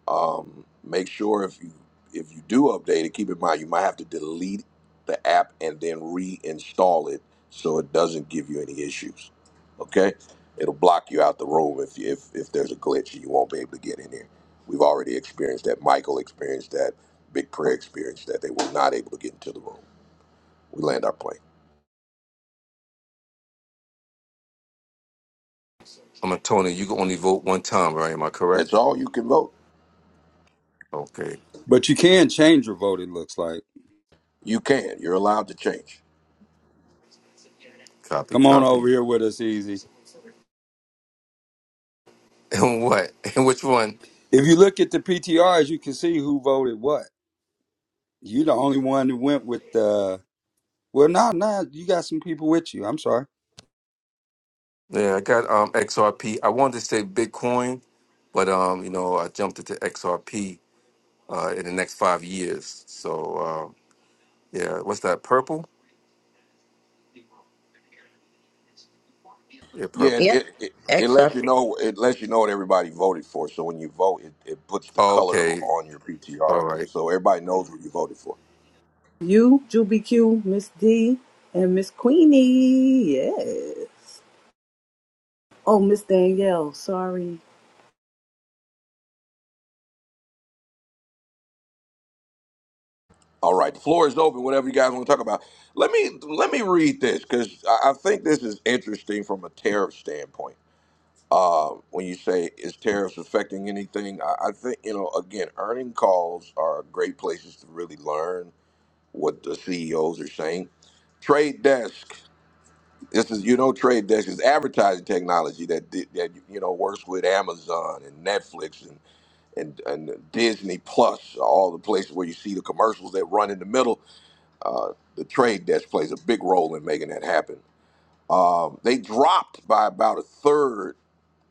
Speaker 1: Um, make sure if you if you do update it, keep in mind you might have to delete the app and then reinstall it so it doesn't give you any issues. Okay, it'll block you out the room if if if there's a glitch and you won't be able to get in here. We've already experienced that. Michael experienced that. Big prayer experienced that. They were not able to get into the room. We land our plane.
Speaker 11: I'm a Tony. You can only vote one time, right? Am I
Speaker 1: That's
Speaker 11: correct?
Speaker 1: all you can vote.
Speaker 11: Okay,
Speaker 9: But you can change your vote, it looks like.
Speaker 1: You can. You're allowed to change.
Speaker 11: copy,
Speaker 9: Come on over
Speaker 11: copy.
Speaker 9: here with us, Easy.
Speaker 11: And what? And which one?
Speaker 9: If you look at the PTRs, you can see who voted what. you the only one who went with the. Well, no, no, you got some people with you. I'm sorry.
Speaker 11: Yeah, I got um XRP. I wanted to say Bitcoin, but um, you know, I jumped into XRP uh, in the next five years. So uh, yeah, what's that? Purple? Yeah,
Speaker 1: Yeah,
Speaker 11: purple.
Speaker 5: Yep.
Speaker 1: it, it it lets you
Speaker 5: XRP.
Speaker 1: know it lets you know what everybody voted for. So when you vote, it, it puts the
Speaker 11: Oh,
Speaker 1: color
Speaker 11: okay,
Speaker 1: on your
Speaker 11: all
Speaker 1: PTR,
Speaker 11: right.
Speaker 1: so everybody knows what you voted for.
Speaker 2: You, Juby Q, Miss D, and Miss Queenie. Yes. Oh, Miss Danielle, sorry.
Speaker 1: All right, the floor is open. Whatever you guys want to talk about, let me let me read this because I, I think this is interesting from a tariff standpoint. When you say is tariffs affecting anything, I, I think you know again, earning calls are great places to really learn what the CEOs are saying. Trade Desk. This is you know trade desk is advertising technology that di- that you know works with Amazon and Netflix and and, and Disney Plus, all the places where you see the commercials that run in the middle. Uh, the trade desk plays a big role in making that happen. Um, they dropped by about a third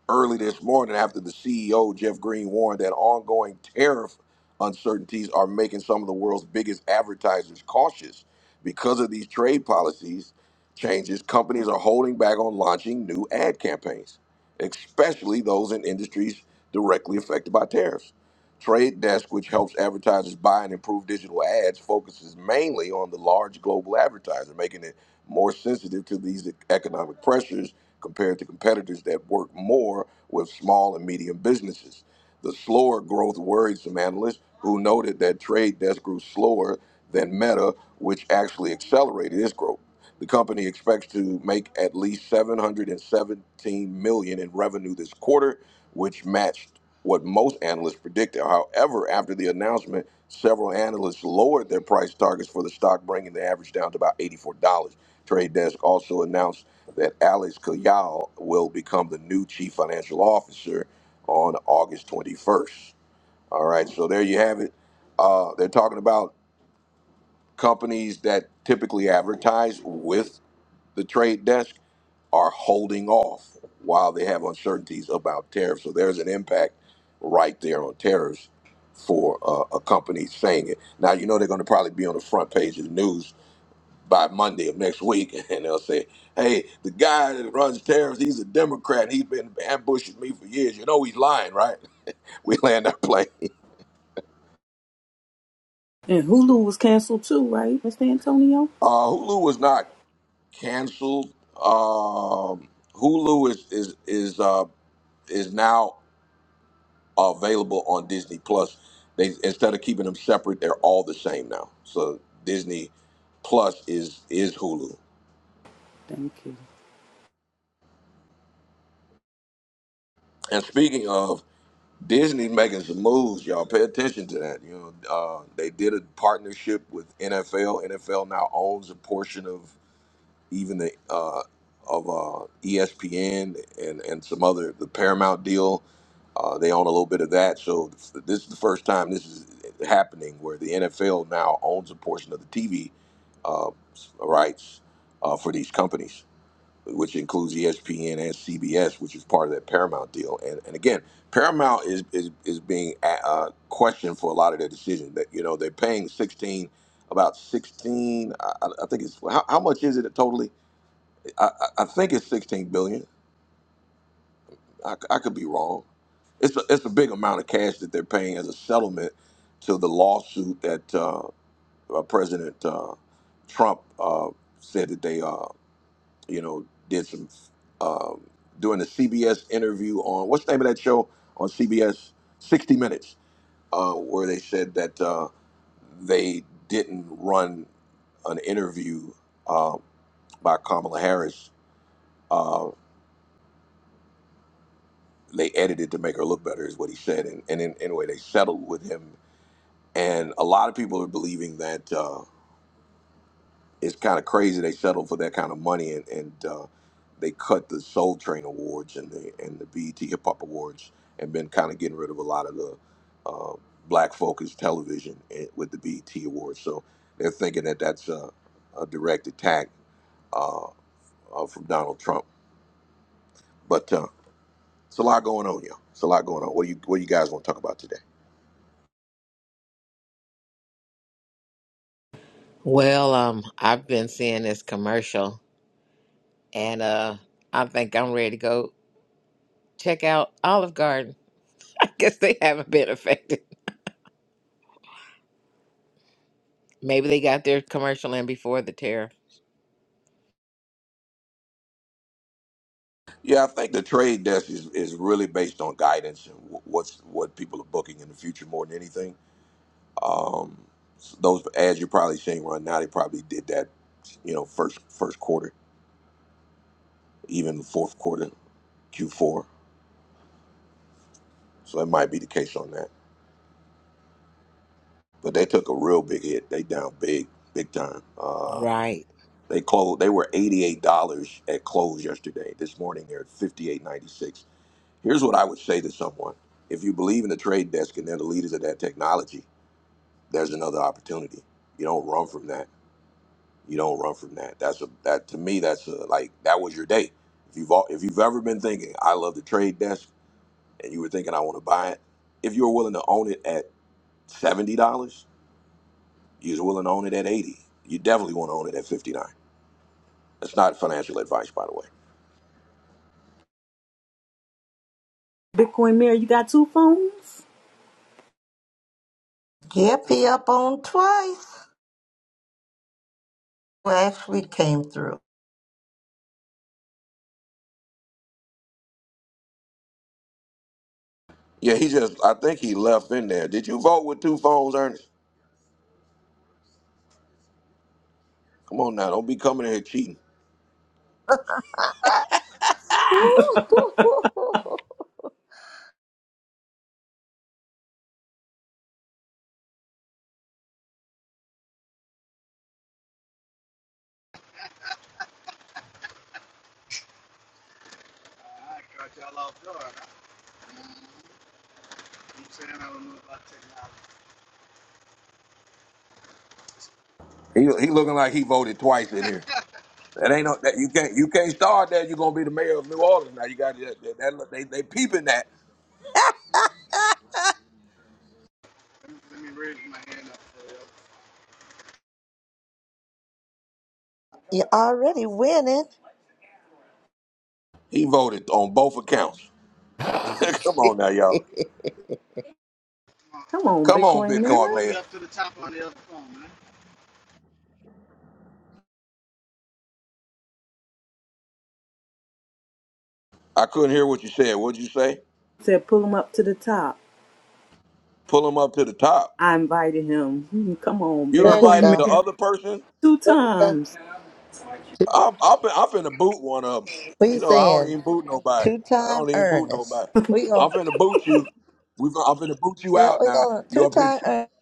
Speaker 1: early this morning after the CEO Jeff Green warned that ongoing tariff uncertainties are making some of the world's biggest advertisers cautious because of these trade policies Changes companies are holding back on launching new ad campaigns, especially those in industries directly affected by tariffs. Trade Desk, which helps advertisers buy and improve digital ads, focuses mainly on the large global advertiser, making it more sensitive to these economic pressures compared to competitors that work more with small and medium businesses. The slower growth worried some analysts who noted that Trade Desk grew slower than Meta, which actually accelerated its growth. The company expects to make at least 717 million in revenue this quarter, which matched what most analysts predicted. However, after the announcement, several analysts lowered their price targets for the stock, bringing the average down to about $84. Trade Desk also announced that Alex Kayal will become the new chief financial officer on August 21st. All right, so there you have it. Uh, they're talking about companies that typically advertise with the Trade Desk are holding off while they have uncertainties about tariffs. So there's an impact right there on tariffs for uh, a company saying it. Now, you know they're going to probably be on the front page of the news by Monday of next week, and they'll say, "Hey, the guy that runs tariffs, he's a Democrat. He's been ambushing me for years. You know he's lying, right?" We land that plane.
Speaker 2: And Hulu was canceled too, right, Mr. Antonio?
Speaker 1: Uh, Hulu was not canceled. Um, Hulu is is is uh, is now available on Disney Plus. They instead of keeping them separate, they're all the same now. So Disney Plus is is Hulu.
Speaker 2: Thank you.
Speaker 1: And speaking of Disney making some moves, y'all. Pay attention to that. You know, uh, they did a partnership with NFL. NFL now owns a portion of even the uh, of uh, ESPN and and some other the Paramount deal. Uh, they own a little bit of that. So this is the first time this is happening where the NFL now owns a portion of the TV uh, rights uh, for these companies which includes ESPN and CBS, which is part of that Paramount deal. And and again, Paramount is is is being uh, uh, questioned for a lot of their decisions. That you know they're paying sixteen, about sixteen. I, I think it's how, how much is it totally? I, I I think it's sixteen billion. I, I could be wrong. It's a, it's a big amount of cash that they're paying as a settlement to the lawsuit that uh, uh, President uh, Trump uh, said that they uh, You know, did some um, doing the CBS interview on what's the name of that show on CBS, 60 Minutes, uh, where they said that uh, they didn't run an interview uh, by Kamala Harris. Uh, they edited to make her look better, is what he said. And, and in, anyway, they settled with him. And a lot of people are believing that. uh, it's kind of crazy they settle for that kind of money and and uh, they cut the Soul Train awards and the and the BET Hip Hop Awards and been kind of getting rid of a lot of the uh, black focused television in- with the BET Awards. So they're thinking that that's a, a direct attack uh, uh, from Donald Trump. But uh, it's a lot going on, y'all. It's a lot going on. What do you what do you guys want to talk about today?
Speaker 4: Well, um, I've been seeing this commercial, and uh, I think I'm ready to go check out Olive Garden. I guess they haven't been affected. Maybe they got their commercial in before the tariff.
Speaker 1: Yeah, I think the trade desk is, is really based on guidance and wh- what's what people are booking in the future more than anything Um, those ads you're probably seeing right now, they probably did that, you know, first first quarter, even fourth quarter, Q4. So it might be the case on that. But they took a real big hit. They down big, big time. Uh,
Speaker 4: Right.
Speaker 1: they closed. They were eighty-eight dollars at close yesterday. This morning they're at fifty-eight ninety-six. Here's what I would say to someone: If you believe in the trade desk and they're the leaders of that technology, there's another opportunity. You don't run from that You don't run from that. That's a that to me. That's a like that was your day. If you've al- if you've ever been thinking I love the trade desk and you were thinking I want to buy it, if you were willing to own it at seventy dollars, you was willing to own it at eighty. You definitely want to own it at fifty nine. That's not financial advice, by the way.
Speaker 2: Bitcoin Mary, you got two phones?
Speaker 5: Get me up on twice. Well, actually came through.
Speaker 1: Yeah, he just I think he left in there. Did you vote with two phones, Ernest? Come on now, don't be coming in here cheating.
Speaker 10: I'm saying I don't know about technology.
Speaker 1: He he looking like he voted twice in here. That ain't no that you can't you can't start that. You're gonna be the mayor of New Orleans now. You got that, that, that- they they peeping that.
Speaker 5: you already winning.
Speaker 1: He voted on both accounts. Come on now, y'all.
Speaker 10: Come on.
Speaker 2: Come on,
Speaker 1: Come on,
Speaker 2: Bitcoin
Speaker 10: Hey, man,
Speaker 2: Mayor.
Speaker 1: Bitcoin
Speaker 10: pull me
Speaker 1: Mayor.
Speaker 10: up to the top on the other phone, man.
Speaker 1: I couldn't hear what you said. What'd you say?
Speaker 2: Said, pull him up to the top.
Speaker 1: Pull him up to the top.
Speaker 2: I invited him. Hmm, Come on,
Speaker 1: You
Speaker 5: There you
Speaker 2: Bitcoin
Speaker 1: invited the
Speaker 5: go.
Speaker 2: Mayor.
Speaker 1: other person?
Speaker 2: Two
Speaker 5: There you go.
Speaker 2: times.
Speaker 1: I'm, I'm, fin- I'm finna boot one of them.
Speaker 5: We
Speaker 1: You know, I don't
Speaker 5: saying
Speaker 1: even boot nobody.
Speaker 5: two
Speaker 1: I
Speaker 5: time
Speaker 1: don't even boot
Speaker 5: earnest.
Speaker 1: nobody.
Speaker 5: We
Speaker 1: I'm
Speaker 5: going
Speaker 1: finna boot you. We, fin- I'm finna boot you
Speaker 5: yeah,
Speaker 1: out
Speaker 5: we
Speaker 1: now.
Speaker 5: gonna
Speaker 1: You
Speaker 5: two
Speaker 1: up here
Speaker 5: time
Speaker 1: cheating.
Speaker 5: earnest.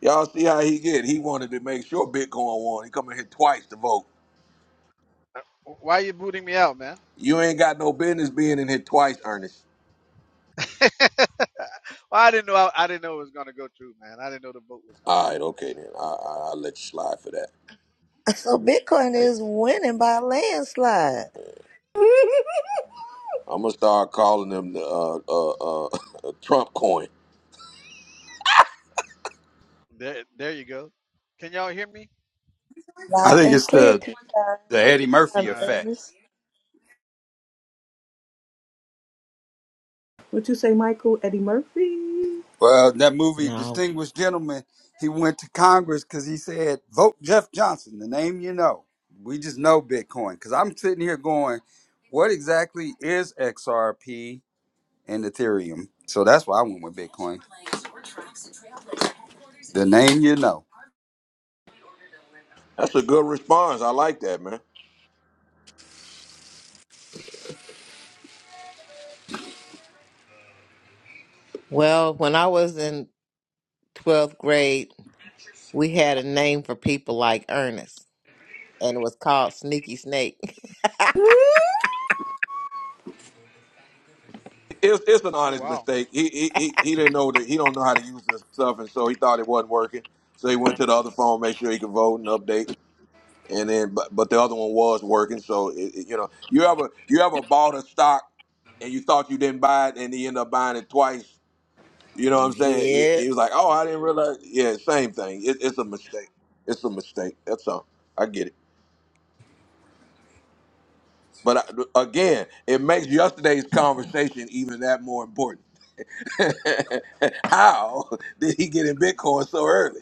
Speaker 1: Y'all see how he get. He wanted to make sure Bitcoin won. He come in here twice to vote.
Speaker 14: Uh, Why are you booting me out, man?
Speaker 1: You ain't got no business being in here twice, Ernest.
Speaker 14: well, I didn't know. I, I didn't know it was gonna go through, man. I didn't know the vote was gonna go
Speaker 1: All right, okay then. I, I, I'll let you slide for that.
Speaker 5: So Bitcoin is winning by a landslide.
Speaker 1: I'm gonna start calling them the uh, uh, uh, Trump coin.
Speaker 14: through. There, there you go. Can y'all hear me?
Speaker 9: I
Speaker 5: Loud
Speaker 9: think
Speaker 5: and
Speaker 9: it's
Speaker 5: clear
Speaker 9: the
Speaker 5: two time
Speaker 9: the
Speaker 5: two
Speaker 9: Eddie Murphy
Speaker 5: time
Speaker 14: All right.
Speaker 9: effect.
Speaker 5: earnest.
Speaker 2: What you say, Michael? Eddie Murphy?
Speaker 9: Well, that movie,
Speaker 4: No.
Speaker 9: Distinguished Gentleman, he went to Congress because he said, "Vote Jeff Johnson, the name you know." We just know Bitcoin because I'm sitting here going, "What exactly is XRP and Ethereum?" So that's why I went with Bitcoin, the name you know.
Speaker 1: That's a good response. I like that, man.
Speaker 4: Well, when I was in 12th grade, we had a name for people like Ernest. and it was called Sneaky Snake.
Speaker 1: It's, it's an
Speaker 14: Oh
Speaker 1: honest
Speaker 14: wow,
Speaker 1: mistake. He, he he he didn't know that he don't know how to use this stuff, and so he thought it wasn't working. So he went to the other phone, make sure he could vote and update, and then but, but the other one was working. So it, it- you know, you ever you ever bought a stock and you thought you didn't buy it, and you end up buying it twice. You know what I'm saying? He,
Speaker 4: yeah.
Speaker 1: he was like, "Oh, I didn't realize." Yeah, same thing. It, it's a mistake. It's a mistake. That's all. I get it. But I, again, it makes yesterday's conversation even that more important. How did he get in Bitcoin so early?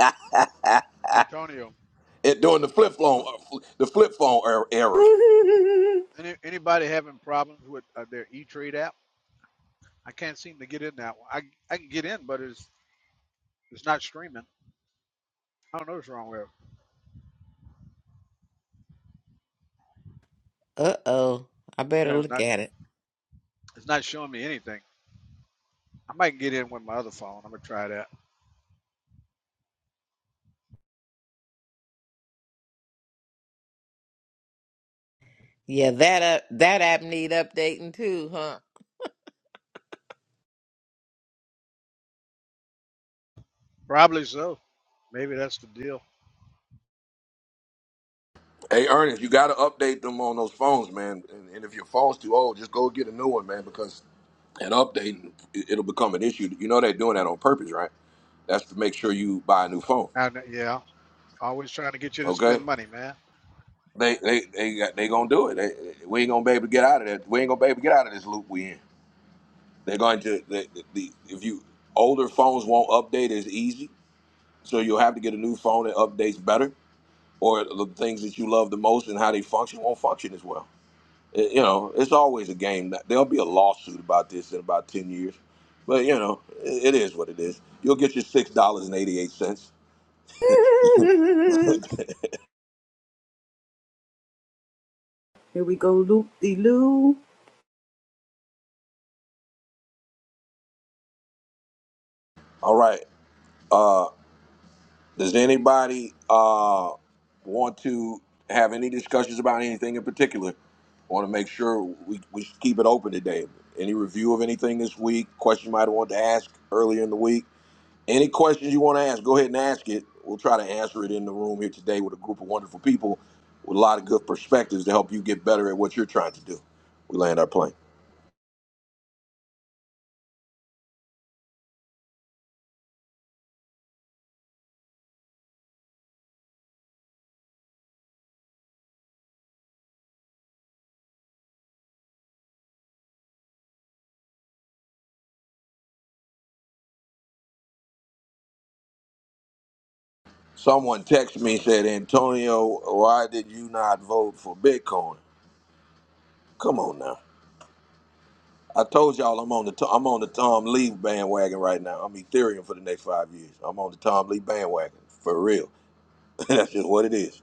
Speaker 14: Antonio.
Speaker 1: it, during the flip phone, the flip phone er- era.
Speaker 14: Any, anybody having problems with uh, their E Trade app? I can't seem to get in that one. I I can get in, but it's it's not streaming. I don't know what's wrong with it.
Speaker 4: Uh oh. I better
Speaker 14: Yeah, it's
Speaker 4: look
Speaker 14: not
Speaker 4: at it.
Speaker 14: it's not showing me anything. I might get in with my other phone. I'm gonna try that.
Speaker 4: Yeah, that up that app need updating too, huh?
Speaker 14: Probably so. Maybe that's the deal.
Speaker 1: Hey Ernest, you got to update them on those phones, man. And, and if your phone's too old, just go get a new one, man. Because an update, it- it'll become an issue. You know they're doing that on purpose, right? That's to make sure you buy a new phone.
Speaker 14: I, kn- yeah. Always trying to get you to
Speaker 1: Okay,
Speaker 14: spend money, man.
Speaker 1: they they they got- they gonna do it. They, we ain't gonna be able to get out of that. We ain't gonna be able to get out of this loop we in. They're going to the, the, the if you older phones won't update as easy, so you'll have to get a new phone that updates better, or the things that you love the most and how they function won't function as well. It- you know, it's always a game. That, there'll be a lawsuit about this in about ten years, but you know, it, it is what it is. You'll get your six dollars and eighty eight cents.
Speaker 2: Here we go, loop de loo.
Speaker 1: All right. Uh, Does anybody uh, want to have any discussions about anything in particular? Want to make sure we, we keep it open today. Any review of anything this week? Question you might want to ask earlier in the week. Any questions you want to ask, go ahead and ask it. We'll try to answer it in the room here today with a group of wonderful people with a lot of good perspectives to help you get better at what you're trying to do. We land our plane. Someone texted me and said, Antonio, why did you not vote for Bitcoin? Come on now. I told y'all I'm on the to- I'm on the Tom Lee bandwagon right now. I'm Ethereum for the next five years. I'm on the Tom Lee bandwagon for real. That's just what it is.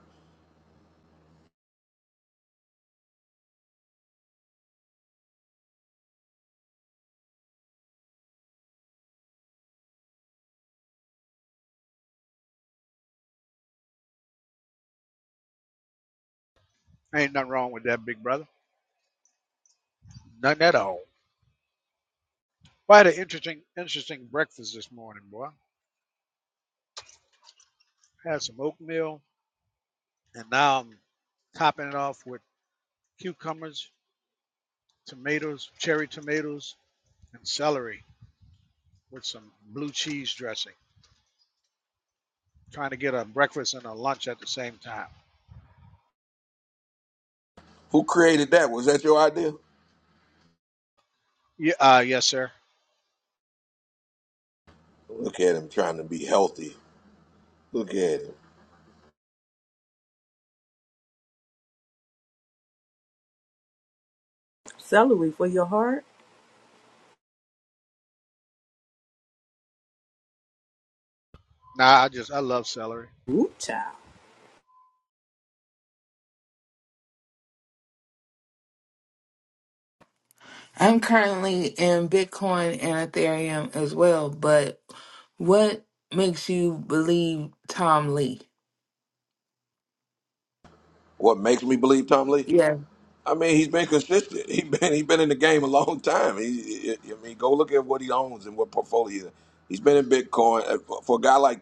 Speaker 14: Ain't nothing wrong with that, big brother. Nothing at all. Well, I had an interesting, interesting breakfast this morning, boy. Had some oatmeal, and now I'm topping it off with cucumbers, tomatoes, cherry tomatoes, and celery with some blue cheese dressing. Trying to get a breakfast and a lunch at the same time.
Speaker 1: Who created that? Was that your idea?
Speaker 14: Yeah, uh, yes, sir.
Speaker 1: Look at him trying to be healthy. Look at him.
Speaker 2: Celery for your heart.
Speaker 14: Nah, I just I love celery.
Speaker 2: Ooh, child.
Speaker 6: I'm currently in Bitcoin and Ethereum as well, but what makes you believe Tom Lee?
Speaker 1: What makes me believe Tom Lee?
Speaker 6: Yeah.
Speaker 1: I mean, he's been consistent. He been he been in the game a long time. He, I mean, go look at what he owns and what portfolio. He's been in Bitcoin Uh, for for a guy like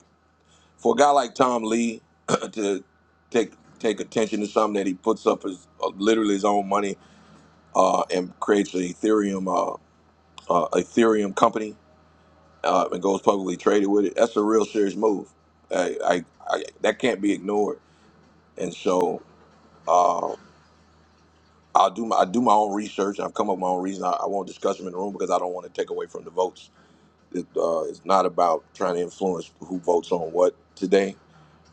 Speaker 1: for a guy like Tom Lee to take take attention to something that he puts up his uh, literally his own money uh, and creates an Ethereum uh, uh, Ethereum company uh, and goes publicly traded with it. That's a real serious move. I, I, I that can't be ignored. And so uh, I'll do my I do my own research. I've come up with my own reason. I, I won't discuss them in the room because I don't want to take away from the votes. It, uh, it's not about trying to influence who votes on what today.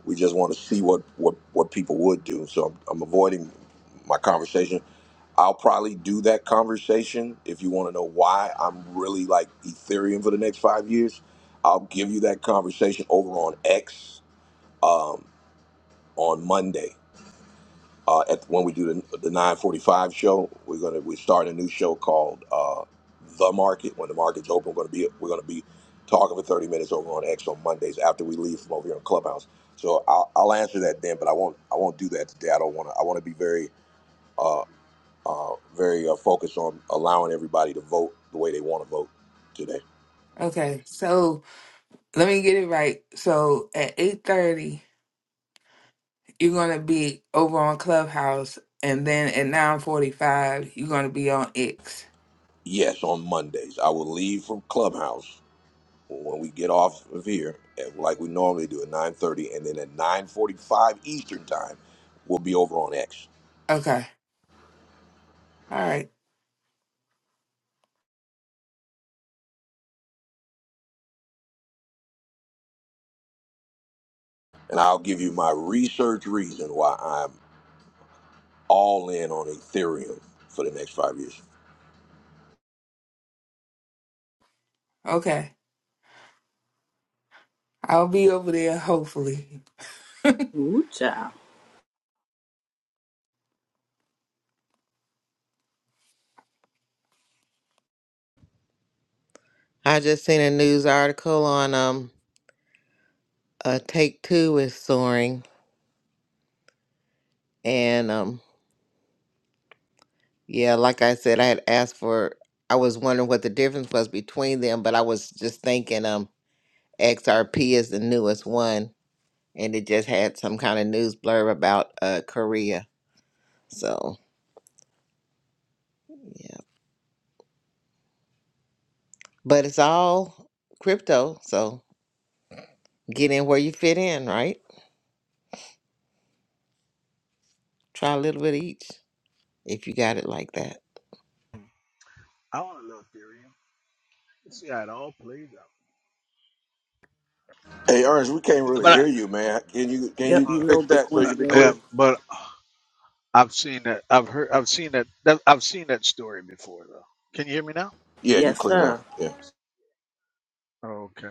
Speaker 1: We just want to see what what what people would do. So I'm, I'm avoiding my conversation I'll probably do that conversation if you want to know why I'm really like Ethereum for the next five years. I'll give you that conversation over on X um, on Monday uh, at when we do the, the 9:45 show. We're gonna we start a new show called uh, The Market. When the market's open, we're gonna be we're gonna be talking for 30 minutes over on X on Mondays after we leave from over here on Clubhouse. So I'll, I'll answer that then, but I won't I won't do that today. I don't want to. I want to be very uh, uh, very uh, focused on allowing everybody to vote the way they want to vote today.
Speaker 6: Okay. So. Let me get it right. So at eight thirty, you're gonna be over on Clubhouse, and then at nine forty-five, you're gonna be on X.
Speaker 1: Yes, on Mondays. I will leave from Clubhouse when we get off of here, and like we normally do at 9.30, and then at 9.45 Eastern Time, we'll be over on X.
Speaker 6: Okay. All right.
Speaker 1: And I'll give you my research reason why I'm all in on Ethereum for the next five years.
Speaker 6: Okay. I'll be over there. Hopefully,
Speaker 2: Ooh, child.
Speaker 4: I just seen a news article on um uh Take Two is soaring and um yeah, like I said, I had asked for I was wondering what the difference was between them, but I was just thinking um XRP is the newest one and it just had some kind of news blurb about uh Korea. So yeah. But it's all crypto, so get in where you fit in, right? Try a little bit of each if you got it like that.
Speaker 14: I want a little theory. Let's see how it all plays out.
Speaker 1: Hey, Ernest, we can't really hear
Speaker 14: But
Speaker 1: you, man. Can you can
Speaker 2: Yep,
Speaker 1: you
Speaker 14: I, uh,
Speaker 2: you low
Speaker 1: fix that so you
Speaker 2: Bitcoin
Speaker 14: uh,
Speaker 1: can be
Speaker 14: yeah,
Speaker 2: Mayor.
Speaker 1: clear?
Speaker 14: but I've seen that. I've heard. I've seen that. that I've seen that story before, though. Can you hear me now?
Speaker 1: Yeah, you
Speaker 2: Yes,
Speaker 1: clear now.
Speaker 2: sir.
Speaker 1: Yeah.
Speaker 14: Oh, okay.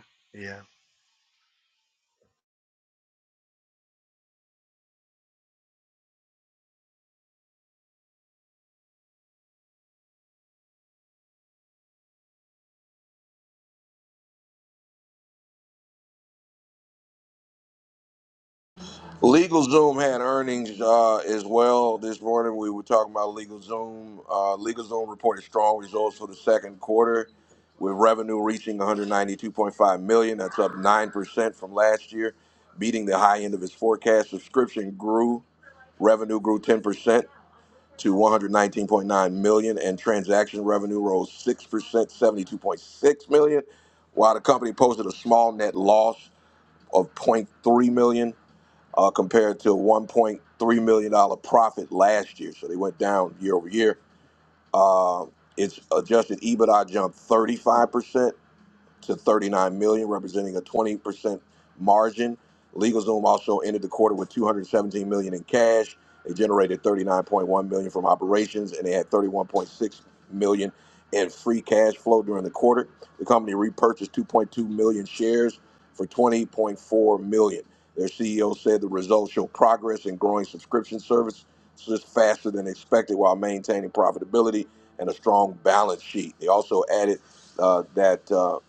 Speaker 1: LegalZoom had earnings uh, as well this morning. We were talking about LegalZoom. Uh, LegalZoom reported strong results for the second quarter, with revenue reaching 192.5 million. dollars. That's up nine percent from last year, beating the high end of its forecast. Subscription grew, revenue grew 10 percent to 119.9 million, dollars, and transaction revenue rose six percent, 72.6 million, dollars, while the company posted a small net loss of zero point 0.3 million dollars uh, compared to a $1.3 million dollars profit last year. So they went down year over year. Uh, its adjusted EBITDA jumped 35% to 39 million, dollars, representing a 20% margin. LegalZoom also ended the quarter with 217 million dollars in cash. They generated 39.1 million dollars from operations, and they had 31.6 million dollars in free cash flow during the quarter. The company repurchased 2.2 million shares for 20.4 million. dollars. Their CEO said the results show progress in growing subscription services faster than expected while maintaining profitability and a strong balance sheet. They also added uh, that. uh,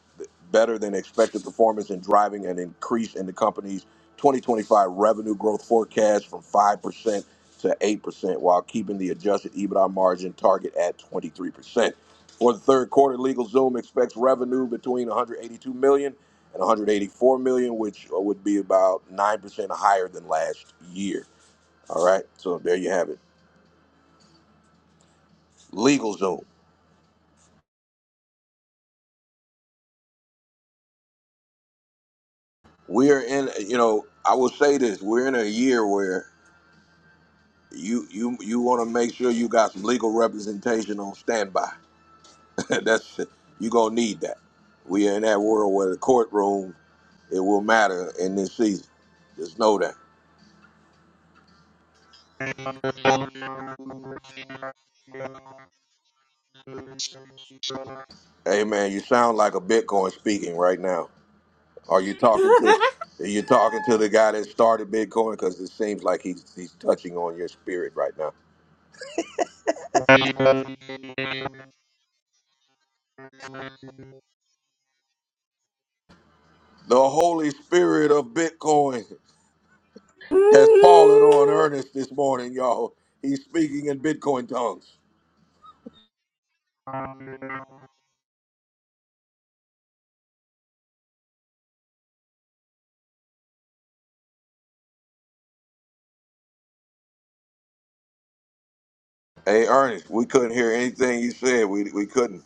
Speaker 1: better than expected performance in driving an increase in the company's 2025 revenue growth forecast from 5% to 8% while keeping the adjusted EBITDA margin target at 23%. For the third quarter, LegalZoom expects revenue between 182 million dollars and 184 million, dollars, which would be about 9% higher than last year. All right, so there you have it. LegalZoom. We are in, you know, I will say this: we're in a year where you you you want to make sure you got some legal representation on standby. That's you gonna need that. We are in that world where the courtroom it will matter in this season. Just know that. Hey man, you sound like a Bitcoin speaking right now. Are you talking to? Are you talking to the guy that started Bitcoin? Because it seems like he's he's touching on your spirit right now. The Holy Spirit of Bitcoin has fallen on Ernest this morning, y'all. He's speaking in Bitcoin tongues. Hey Ernest, we couldn't hear anything you said. We we couldn't.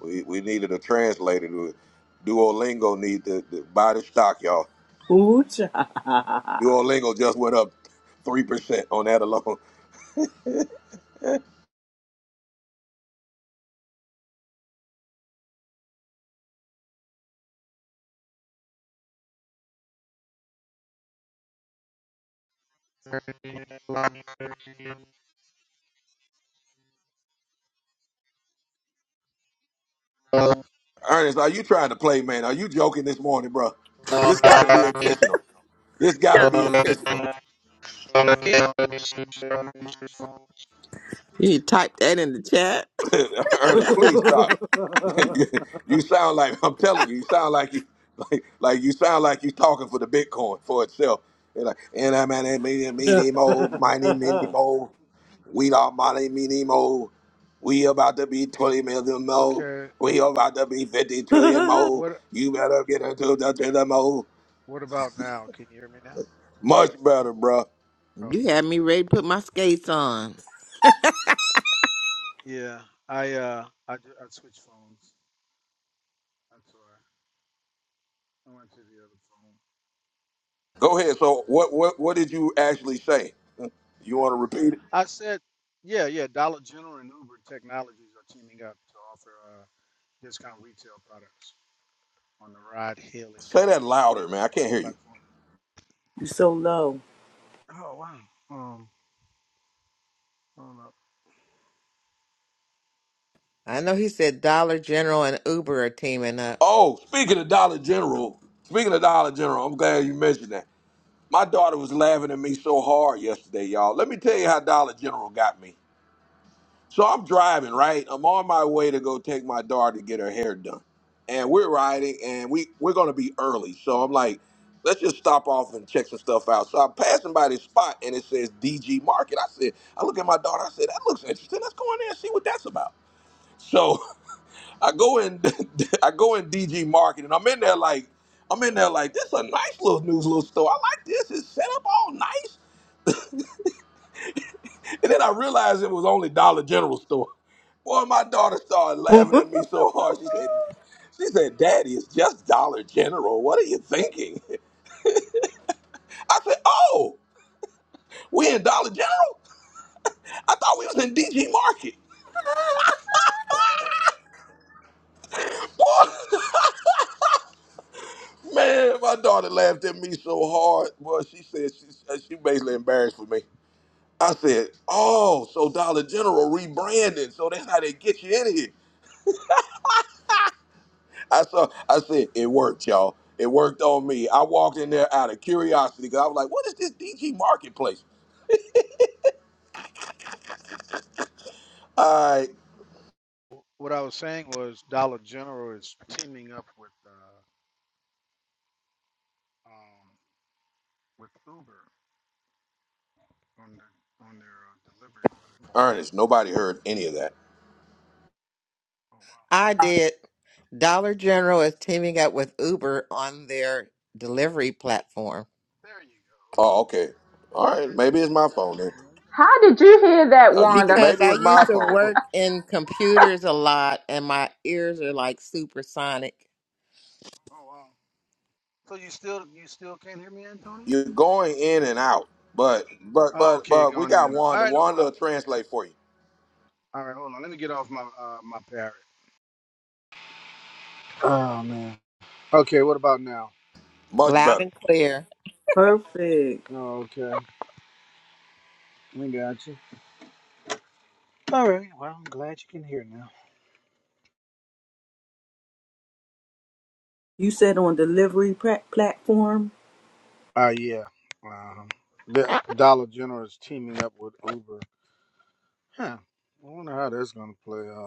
Speaker 1: We we needed a translator. To, Duolingo need to, to buy the stock, y'all.
Speaker 2: Ooh,
Speaker 1: Duolingo just went up three percent on that alone. Ernest, are you trying to play, man? Are you joking this morning, bro? This got to be intentional. This got to
Speaker 4: Yeah.
Speaker 1: be intentional.
Speaker 14: Yeah.
Speaker 4: You typed that in the chat.
Speaker 1: Ernest, please stop.
Speaker 2: child.
Speaker 1: you sound like I'm telling you. You sound like you like like you sound like you talking for the Bitcoin for itself. They're like, and I'm an mini mini more mighty mini more. We are money minimo. We about to be 20 million more.
Speaker 10: Okay.
Speaker 1: We about to be 50 trillion more.
Speaker 10: What
Speaker 1: You better get into the trillion more.
Speaker 10: what about now? Can you hear me now?
Speaker 1: Much better, bruh.
Speaker 4: You
Speaker 10: Okay.
Speaker 4: had me ready to put my skates on.
Speaker 10: Yeah. I uh I ju- I switched phones. I'm sorry. I went to the other phone.
Speaker 1: Go ahead. So
Speaker 10: Um
Speaker 1: what what what did you actually say? You want to repeat it?
Speaker 10: I said yeah, yeah, Dollar General and Uber technologies are teaming up to offer uh, discount retail products on the ride hailing
Speaker 1: Say that
Speaker 10: company's
Speaker 1: louder, man.
Speaker 10: delivery
Speaker 1: I can't hear
Speaker 10: pla-
Speaker 1: you.
Speaker 10: platform.
Speaker 2: you so low.
Speaker 10: Oh wow. Um hold up.
Speaker 4: I know he said Dollar General and Uber are teaming up.
Speaker 1: Oh, speaking of Dollar General, speaking of Dollar General, I'm glad you mentioned that. My daughter was laughing at me so hard yesterday, y'all. Let me tell you how Dollar General got me. So I'm driving, right? I'm on my way to go take my daughter to get her hair done. And we're riding and we, we're gonna be early. So I'm like, let's just stop off and check some stuff out. So I'm passing by this spot and it says DG Market. I said, I look at my daughter, I said, that looks interesting. Let's go in there and see what that's about. So I go in I go in DG Market and I'm in there like I'm in there like this is a nice little news little store. I like this. It's set up all nice. And then I realized it was only Dollar General store. Boy, my daughter started laughing at me so hard. She said, she said, Daddy, it's just Dollar General. What are you thinking? I said, Oh, we in Dollar General? I thought we was in DG Market. Man, my daughter laughed at me so hard. Well, she said she, uh, she basically embarrassed for me. I said, Oh, so Dollar General rebranding. So that's how they get you in here. I saw. I said it worked, y'all. It worked on me. I walked in there out of curiosity because I was like, "What is this DG marketplace?" All right,
Speaker 10: What I was saying was Dollar General is teaming up with uh. um, with Uber on their on their uh, delivery platform.
Speaker 1: Ernest. Nobody heard any of that.
Speaker 10: Oh wow!
Speaker 4: I did. Dollar General is teaming up with Uber on their delivery platform
Speaker 10: There you go.
Speaker 1: Oh, okay. All
Speaker 10: Yeah,
Speaker 1: right. Maybe it's my
Speaker 10: yeah.
Speaker 1: phone. Then.
Speaker 10: Antonio,
Speaker 3: How
Speaker 10: open it.
Speaker 3: did you hear that,
Speaker 1: Uh, you,
Speaker 3: Wanda?
Speaker 4: because
Speaker 1: maybe
Speaker 4: I
Speaker 1: it's my
Speaker 4: used to
Speaker 1: phone.
Speaker 4: work in computers a lot and my ears are like supersonic,
Speaker 10: Oh wow! So you still you still can't hear me, Antonio?
Speaker 1: You're going in and out, but but
Speaker 10: Oh,
Speaker 1: but
Speaker 10: okay,
Speaker 1: but we
Speaker 10: going in
Speaker 1: got
Speaker 10: and out. All
Speaker 1: Wanda.
Speaker 10: right, no
Speaker 1: Wanda will
Speaker 10: problem.
Speaker 1: translate for you.
Speaker 10: All right, hold on. Let me get off my uh, my parrot. Oh man. Okay, what about now?
Speaker 1: Much
Speaker 4: loud
Speaker 1: better.
Speaker 4: and clear.
Speaker 2: Perfect.
Speaker 10: Oh, okay. We got you. All right. Well, I'm glad you can hear now.
Speaker 2: You said on delivery pra- platform
Speaker 10: Uh yeah. Um, the Dollar General is teaming up with Uber. Huh. I wonder how that's gonna play out.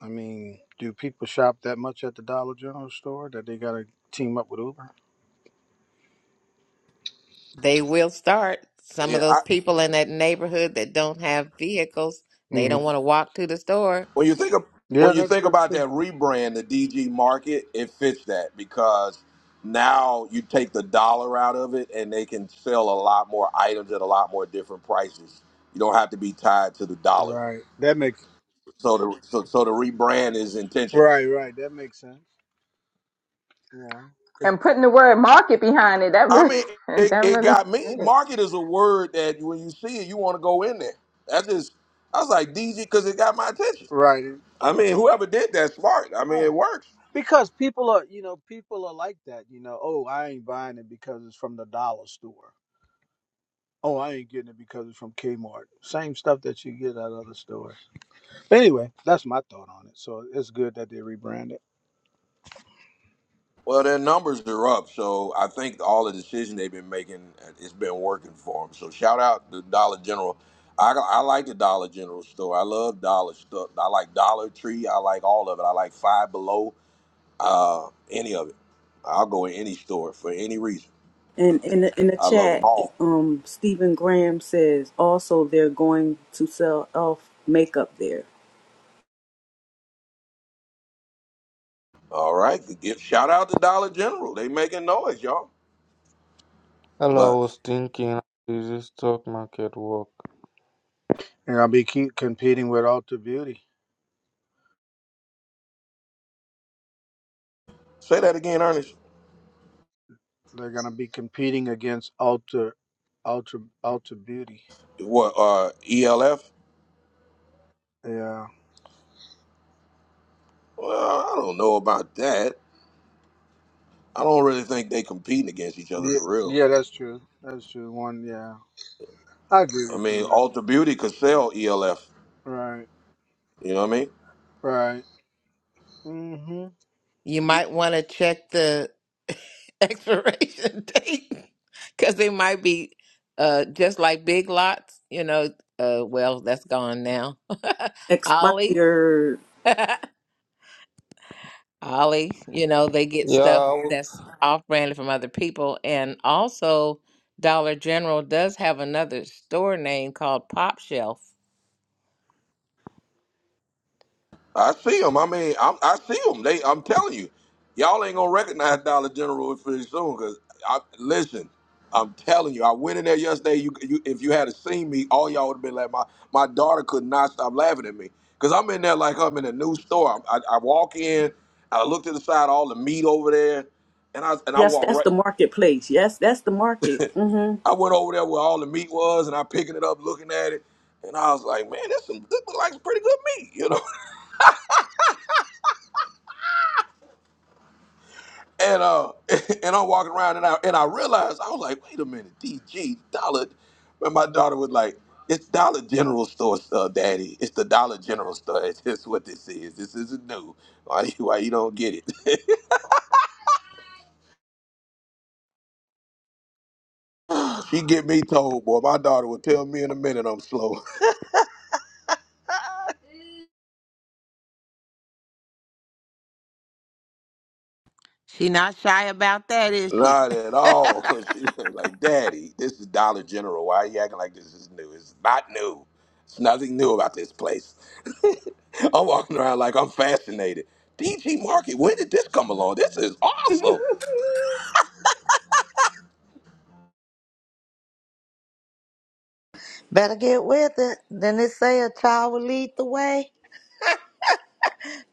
Speaker 10: I mean, do people shop that much at the Dollar General store that they got to team up with Uber?
Speaker 4: They will start. Some of
Speaker 1: Yeah.
Speaker 4: those people in that neighborhood that don't have vehicles, they
Speaker 10: hmm
Speaker 4: don't want to walk to the store.
Speaker 1: When you think of
Speaker 10: Yeah,
Speaker 1: when you
Speaker 10: that's
Speaker 1: think
Speaker 10: that's
Speaker 1: about
Speaker 10: true.
Speaker 1: that rebrand, the DG market, it fits that because now you take the dollar out of it and they can sell a lot more items at a lot more different prices. You don't have to be tied to the dollar.
Speaker 10: Right. That makes
Speaker 1: So the so, so the rebrand is intentional.
Speaker 10: right, right. That makes sense. Yeah.
Speaker 3: and putting the word market behind it, that
Speaker 1: I
Speaker 3: really,
Speaker 1: mean, it,
Speaker 3: that
Speaker 1: it
Speaker 3: really
Speaker 1: got me.
Speaker 3: did it.
Speaker 1: Market is a word that when you see it, you want to go in there. That just I was like DG because it got my attention.
Speaker 10: Right.
Speaker 1: I mean, whoever did that smart. I mean,
Speaker 10: Huh.
Speaker 1: it works.
Speaker 10: Because look, like, uh, oh, I ain't because I'm the dollar store. Oh, I ain't getting it because it's from Kmart. Same stuff that you get at other stores. But Anyway, that's my thought on it. So it's good that they rebranded.
Speaker 1: Well, their numbers are up, so I think all the decisions they've been making, uh, it's been working for them. So shout out to Dollar General. I, I like the Dollar General store. I love Dollar stuff. I like Dollar Tree. I like all of it. I like Five Below. Uh, any of it. I'll go in any store for any reason.
Speaker 2: and in the, in the
Speaker 1: I love them
Speaker 2: chat,
Speaker 1: all.
Speaker 2: um, Stephen Graham says also they're going to sell elf makeup there.
Speaker 1: All right. Give shout out to Dollar General. They making noise, y'all.
Speaker 15: Hello,
Speaker 1: But
Speaker 15: I was thinking is this stock market work?
Speaker 10: And I'll be keep competing with Ultra Beauty.
Speaker 1: say that again, Ernest.
Speaker 10: They're gonna be competing against Ultra Ultra Ultra Beauty.
Speaker 1: What? Uh, ELF?
Speaker 10: Yeah.
Speaker 1: Well, I don't know about that. I don't really think they competing against each other
Speaker 10: Yeah,
Speaker 1: for real.
Speaker 10: yeah, that's true. That's true. One, yeah, I agree
Speaker 1: I
Speaker 10: with you
Speaker 1: mean,
Speaker 10: on that.
Speaker 1: Alter Beauty could sell ELF.
Speaker 10: Right,
Speaker 1: You know what I mean?
Speaker 10: right. Mm-hmm.
Speaker 4: You might want to check the expiration date because they might be uh, just like big lots. You know, uh, well, that's gone now. Ollie,
Speaker 2: Expired.
Speaker 4: Ollie, you know, they get
Speaker 15: Yeah,
Speaker 4: stuff
Speaker 15: I
Speaker 4: that's off branded from other people. And also, Dollar General does have another store name called Pop Shelf
Speaker 1: I see them. I mean, I'm, I see them. They, I'm telling you, y'all ain't gonna recognize Dollar General pretty soon. Cause I listen, I'm telling you, I went in there yesterday. You, you if you had seen me, all y'all would have been like, my my daughter could not stop laughing at me. Cause I'm in there like I'm in a new store. I, I, I walk in, I look to the side, all the meat over there, and I and I
Speaker 2: Yes,
Speaker 1: walk
Speaker 2: that's
Speaker 1: right.
Speaker 2: the marketplace. Yes, that's the market. Mm-hmm.
Speaker 1: I went over there where all the meat was, and I picking it up, looking at it, and I was like, man, this some, this look like some pretty good meat, you know. And uh, and I'm walking around, and I and I realized I was like, wait a minute, DG Dollar. But my daughter was like, it's Dollar General store stuff, Daddy. It's the Dollar General store. It's just what this is. This isn't new. Why you why you don't get it? she get me told, boy. My daughter would tell me in a minute I'm slow.
Speaker 4: She not shy about that, is she?
Speaker 1: Not at all. She was like, Daddy, this is Dollar General. Why are you acting like this is new? It's not new. It's nothing new about this place. I'm walking around like I'm fascinated. DG Market, when did this come along? This is awesome.
Speaker 5: Better get with it. Then they say a child will lead the way.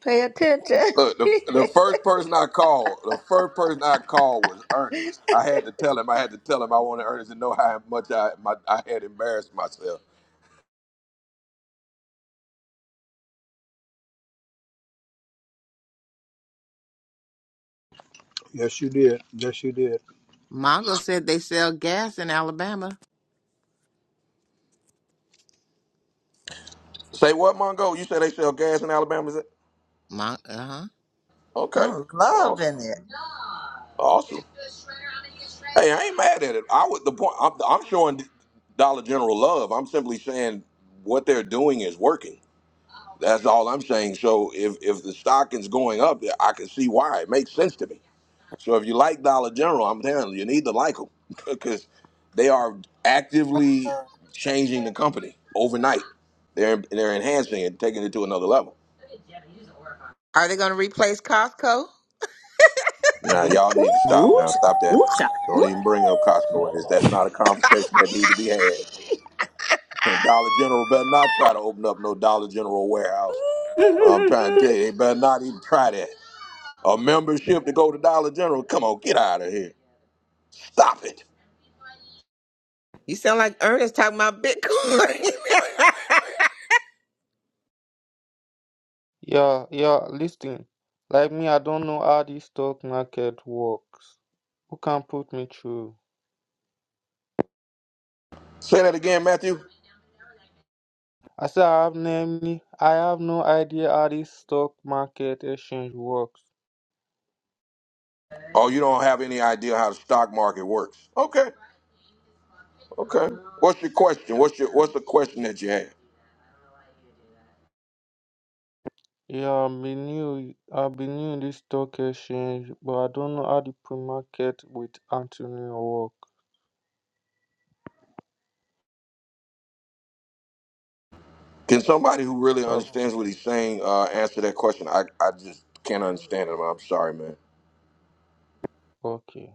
Speaker 5: Pay attention.
Speaker 1: Look, the, the first person I called, the first person I called was Ernest. I had to tell him, I had to tell him I wanted Ernest to know how much I my, I had embarrassed myself.
Speaker 10: Yeah, yeah.
Speaker 4: Mongo said they sell gas in Alabama.
Speaker 1: Say what, Mongo? You say they sell gas in Alabama? Is it?
Speaker 4: Mon- uh huh.
Speaker 1: Okay.
Speaker 5: I'm
Speaker 1: Awesome.
Speaker 5: loving it.
Speaker 1: Awesome. Hey, I ain't mad at it. I would the point. I'm, I'm showing Dollar General love. I'm simply saying what they're doing is working. That's all I'm saying. So if if the stock is going up, yeah, I can see why. It makes sense to me. So if you like Dollar General, I'm telling you, you need to like them because they are actively
Speaker 15: was-
Speaker 1: changing the company overnight. They're they're enhancing it, taking it to another level.
Speaker 4: Are they going to replace Costco?
Speaker 1: Now y'all need to stop.
Speaker 2: Ooh,
Speaker 1: Now
Speaker 2: cha,
Speaker 1: stop that.
Speaker 2: ooh, cha,
Speaker 1: Don't
Speaker 2: ooh,
Speaker 1: even bring up Costco in this. That's not a conversation that need to be had. And Dollar General better not try to open up no Dollar General warehouse. I'm trying to tell you, they better not even try that. A membership to go to Dollar General? Come on, get out of here. Stop it.
Speaker 4: You sound like Ernest talking about Bitcoin.
Speaker 15: yeah, yeah. Listen, like me, I don't know how this stock market works. Who can put me through?
Speaker 1: Say that again, Matthew.
Speaker 15: I said I have namely, I have no idea how this stock market exchange works.
Speaker 1: Oh, you don't have any idea how the stock market works. Okay, okay. What's your question? What's your What's the question that you have?
Speaker 15: Yeah, I've been new, I've been new in this stock exchange, but I don't know how the pre-market with Antonio work.
Speaker 1: Can somebody who really
Speaker 15: So,
Speaker 1: understands what he's saying uh, answer that question? I, I just can't understand it. I'm sorry, man.
Speaker 15: okay.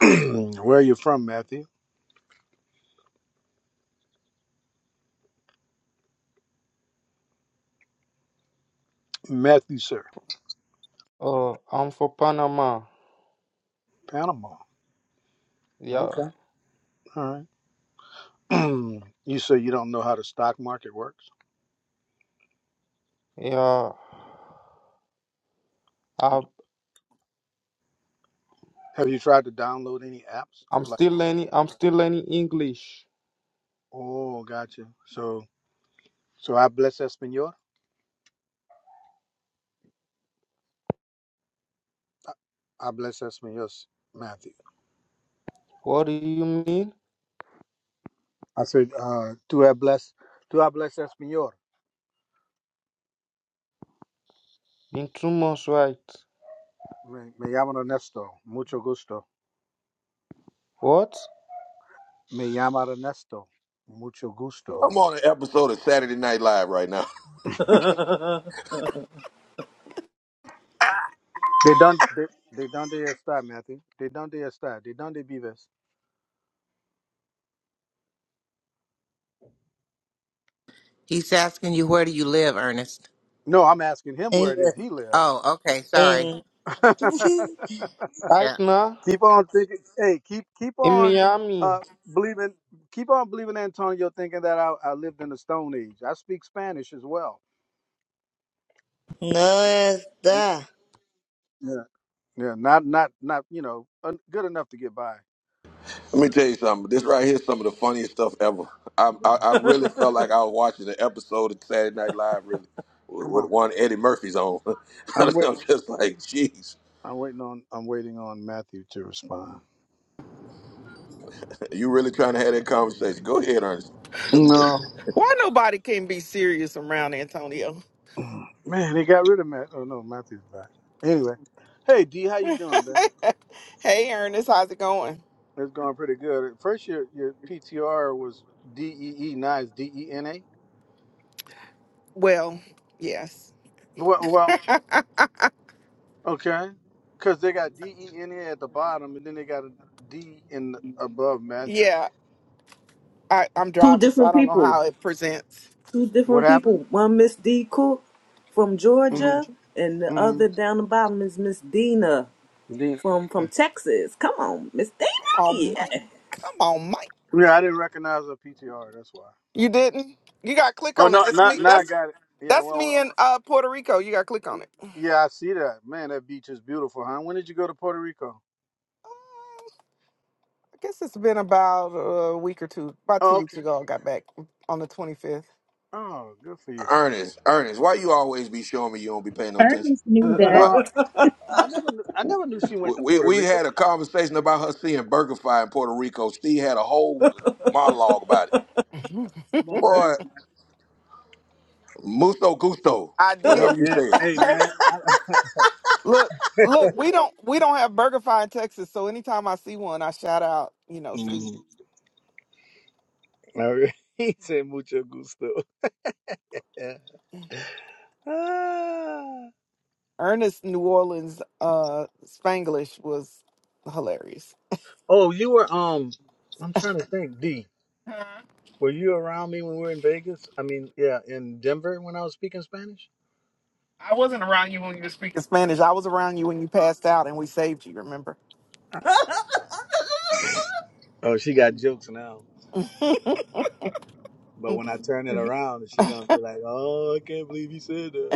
Speaker 10: Where are you from, Matthew? Matthew, sir,
Speaker 15: Uh, I'm for Panama.
Speaker 10: Panama.
Speaker 15: Yeah,
Speaker 10: Okay, all right. you say you don't know how the stock market works.
Speaker 15: yeah. I,
Speaker 10: Have you tried to download any apps?
Speaker 15: I'm
Speaker 10: Like,
Speaker 15: still learning. I'm still learning English.
Speaker 10: oh, gotcha. So, so I bless Espanol. I bless Espanol, Matthew.
Speaker 15: What do you mean?
Speaker 10: I said, uh, tú hablas, tú hablas Espanol.
Speaker 15: In two months, right?
Speaker 10: Me, me llaman Ernesto. Mucho gusto.
Speaker 15: What?
Speaker 10: Me llama Ernesto. Mucho gusto.
Speaker 1: I'm on an episode of Saturday Night Live right now.
Speaker 2: cha.
Speaker 10: They dónde They, they done está, Matthew. They done está. They done vives.
Speaker 4: He's asking you where do you live, Ernest?
Speaker 10: No, I'm asking him where
Speaker 5: And
Speaker 10: it is he lives.
Speaker 4: Oh, okay. Sorry.
Speaker 5: and.
Speaker 4: Yeah.
Speaker 15: Right now
Speaker 10: Keep on thinking. Hey, keep keep
Speaker 15: in
Speaker 10: on
Speaker 15: Miami.
Speaker 10: uh believing. Keep on believing Antonio, thinking that I, I lived in the Stone Age. I speak Spanish as well.
Speaker 5: No
Speaker 10: Mm,
Speaker 5: está.
Speaker 10: Yeah, yeah. Not not not. You know, un, good enough to get by.
Speaker 1: Let me tell you something. This right here is some of the funniest stuff ever. I, I,
Speaker 10: Mhm.
Speaker 1: I really felt like I was watching an episode of Saturday Night Live, really, with,
Speaker 10: Come
Speaker 1: with
Speaker 10: on.
Speaker 1: one Eddie Murphy's on. I'm
Speaker 10: I'm wait.
Speaker 1: just like, jeez,
Speaker 10: I'm waiting on. I'm waiting on Matthew to respond.
Speaker 1: you really trying to have that conversation? Go ahead, Ernest.
Speaker 10: No.
Speaker 16: Why nobody can be serious around Antonio?
Speaker 10: Man, they got rid of Matt. Oh no, Matthew's back. Anyway, hey D, how you doing, man?
Speaker 16: hey, Ernest, how's it going?
Speaker 10: It's going pretty good. At first, your your PTR was D E E, now it's D E N A.
Speaker 16: Well, yes.
Speaker 10: Well, well, okay, because they got D E N A at the bottom, and then they got a D in the, above Matthew.
Speaker 16: Yeah, I, I'm
Speaker 2: Two
Speaker 16: driving, so I
Speaker 2: different
Speaker 16: don't know
Speaker 2: people.
Speaker 16: how it presents.
Speaker 2: two
Speaker 10: What
Speaker 2: different
Speaker 10: happened?
Speaker 2: people. One Miss D Cook from
Speaker 10: hmm
Speaker 2: Georgia, and the
Speaker 10: hmm
Speaker 2: other down the bottom is Miss Dina
Speaker 10: Yeah,
Speaker 2: from from Texas. Come on, Miss Dina.
Speaker 16: Oh, Mike.
Speaker 2: Yeah.
Speaker 16: Come on, Mike.
Speaker 10: I didn't recognize the PTR. That's why.
Speaker 16: You didn't? You got to click
Speaker 10: Oh
Speaker 16: on it.
Speaker 10: no,
Speaker 16: That's me.
Speaker 10: not now I
Speaker 16: That's
Speaker 10: got it. Yeah,
Speaker 16: that's
Speaker 10: well, what-
Speaker 16: me in uh, Puerto Rico. You got to click on it.
Speaker 10: yeah, I see that. Man, that beach is beautiful, huh? When did you go to Puerto Rico?
Speaker 16: I guess it's been about a week or two. About two
Speaker 10: Oh,
Speaker 16: weeks
Speaker 10: okay.
Speaker 16: ago, I got back on the 25th.
Speaker 10: Oh, good for you.
Speaker 1: Ernest, Ernest, why you always be showing me you don't be paying no attention?
Speaker 17: Ernest knew that.
Speaker 1: Why?
Speaker 10: Well, I never, knew, I never knew she
Speaker 1: We,
Speaker 10: went to
Speaker 1: we
Speaker 10: Puerto
Speaker 1: we
Speaker 10: Rico.
Speaker 1: had a conversation about her seeing BurgerFi in Puerto Rico. Steve had a whole monologue about it.
Speaker 10: Boy,
Speaker 1: Boy, Musto Gusto,
Speaker 16: I did.
Speaker 1: whatever you
Speaker 10: yeah.
Speaker 1: said.
Speaker 10: Hey, man.
Speaker 16: Look, look, we don't we don't have BurgerFi in Texas, so anytime I see one, I shout out, you know, Steve.
Speaker 10: Mm-hmm. All right. He said mucho gusto. Yeah. Ah.
Speaker 16: Ernest New Orleans uh Spanglish was hilarious.
Speaker 10: Oh, you were um. I'm trying to think. D, were you around me when we were in Vegas? I mean, yeah, in Denver when I was speaking Spanish.
Speaker 16: I wasn't around you when you were speaking Spanish. I was around you when you passed out and we saved you, remember?
Speaker 10: Oh, she got jokes now. But when I turn it around, she gonna be like, "Oh, I can't believe you said that."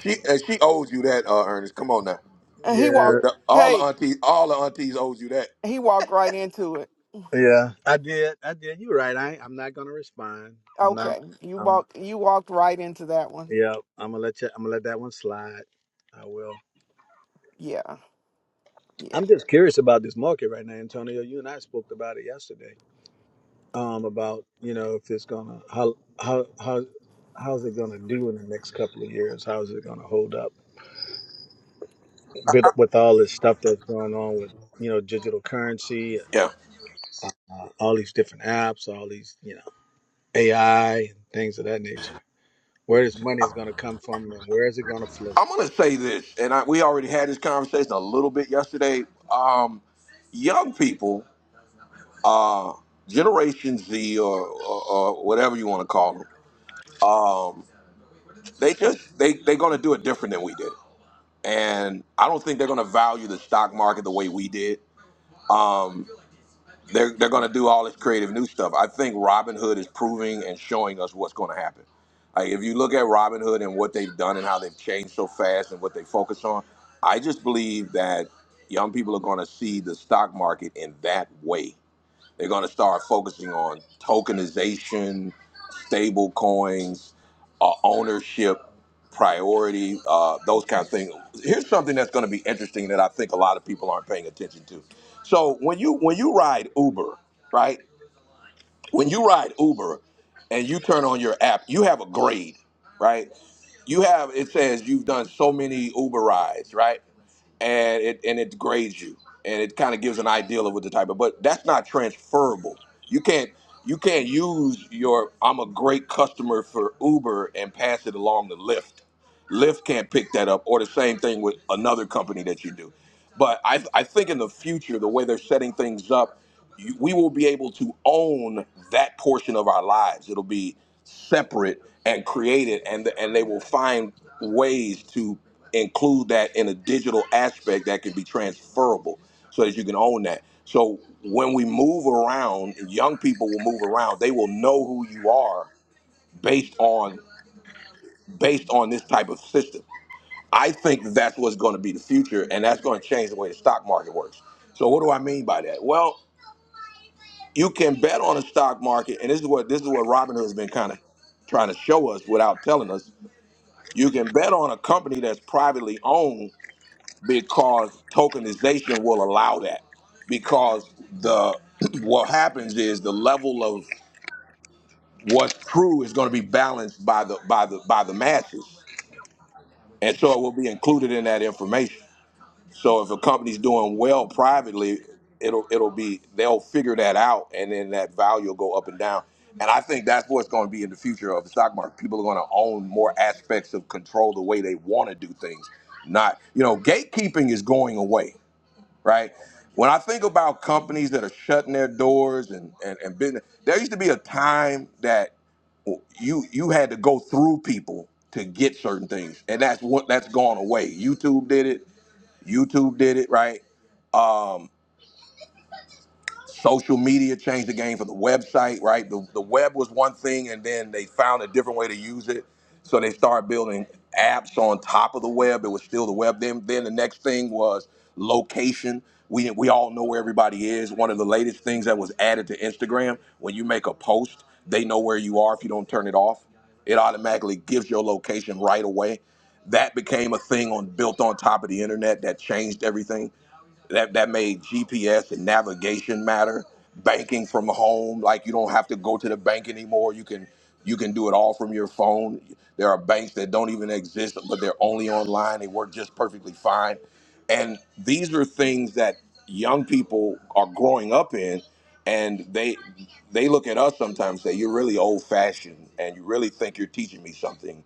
Speaker 1: She, uh, she owes you that, uh, Ernest. Come on now.
Speaker 16: And he
Speaker 1: The,
Speaker 10: Yeah,
Speaker 16: walked
Speaker 1: the, all the
Speaker 16: hey,
Speaker 1: aunties, all the aunties owes you that.
Speaker 16: he walked right into it.
Speaker 10: yeah, I did. I did. You're right. I I'm not gonna respond. I'm not.
Speaker 16: Okay. You
Speaker 10: I'm.
Speaker 16: walked you walked right into that one.
Speaker 10: Yeah, I'm gonna let you. I'm gonna let that one slide. I will.
Speaker 16: Yeah. yeah.
Speaker 10: I'm just curious about this market right now, Antonio. You and I spoke about it yesterday. Um, about you know if it's gonna how how how how's it gonna do in the next couple of years? How's it gonna hold up with with all this stuff that's going on with you know digital currency,
Speaker 1: Yeah,
Speaker 10: uh, all these different apps, all these you know AI and things of that nature. Where this money is gonna come from and where is it gonna flow?
Speaker 1: I'm gonna say this, and I, we already had this conversation a little bit yesterday. Um, young people, uh, Generation Z or, or, or whatever you want to call them, um, they just they they're gonna do it different than we did, and I don't think they're gonna value the stock market the way we did. Um, They're, they're going to do all this creative new stuff. I think Robin Hood is proving and showing us what's going to happen. Like if you look at Robin Hood and what they've done and how they've changed so fast and what they focus on, I just believe that young people are going to see the stock market in that way. They're going to start focusing on tokenization, stable coins, uh, ownership, priority, uh, those kind of things. Here's something that's going to be interesting that I think a lot of people aren't paying attention to. So when you when you ride Uber, right? when you ride Uber and you turn on your app, you have a grade, right? You have it says you've done so many Uber rides, right? And it and it grades you, and it kind of gives an idea of what the type of. But that's not transferable. You can't you can't use your I'm a great customer for Uber and pass it along to Lyft. Lyft can't pick that up, or the same thing with another company that you do. But I, I think in the future, the way they're setting things up, you, we will be able to own that portion of our lives. It'll be separate and created, and and they will find ways to include that in a digital aspect that can be transferable, so that you can own that. So when we move around, young people will move around. They will know who you are based on based on this type of system I think that's what's going to be the future, and that's going to change the way the stock market works. So, what do I mean by that? Well, you can bet on the stock market, and this is what this is what Robinhood has been kind of trying to show us without telling us. You can bet on a company that's privately owned because tokenization will allow that. Because the what happens is the level of what's true is going to be balanced by the by the by the masses, and so it will be included in that information. So if a company's doing well privately, it'll it'll be they'll figure that out, and then that value will go up and down. And I think that's what's going to be in the future of the stock market. People are going to own more aspects of control the way they want to do things. Not you know gatekeeping is going away, right? When I think about companies that are shutting their doors and, and, and business, there used to be a time that you you had to go through people to get certain things, and that's what that's gone away. YouTube did it. YouTube did it, right? um, social media changed the game for the website, right? The, the web was one thing, and then they found a different way to use it. So they started building apps on top of the web. It was still the web. Then, then the next thing was location. We, we all know where everybody is. One of the latest things that was added to Instagram, when you make a post, they know where you are if you don't turn it off. It automatically gives your location right away. That became a thing on built on top of the internet that changed everything that that made GPS and navigation matter. Banking from home, like you don't have to go to the bank anymore. You can you can do it all from your phone. There are banks that don't even exist, but they're only online. They work just perfectly fine. And these are things that young people are growing up in, and they they look at us sometimes and say, "You're really old fashioned, and you really think you're teaching me something."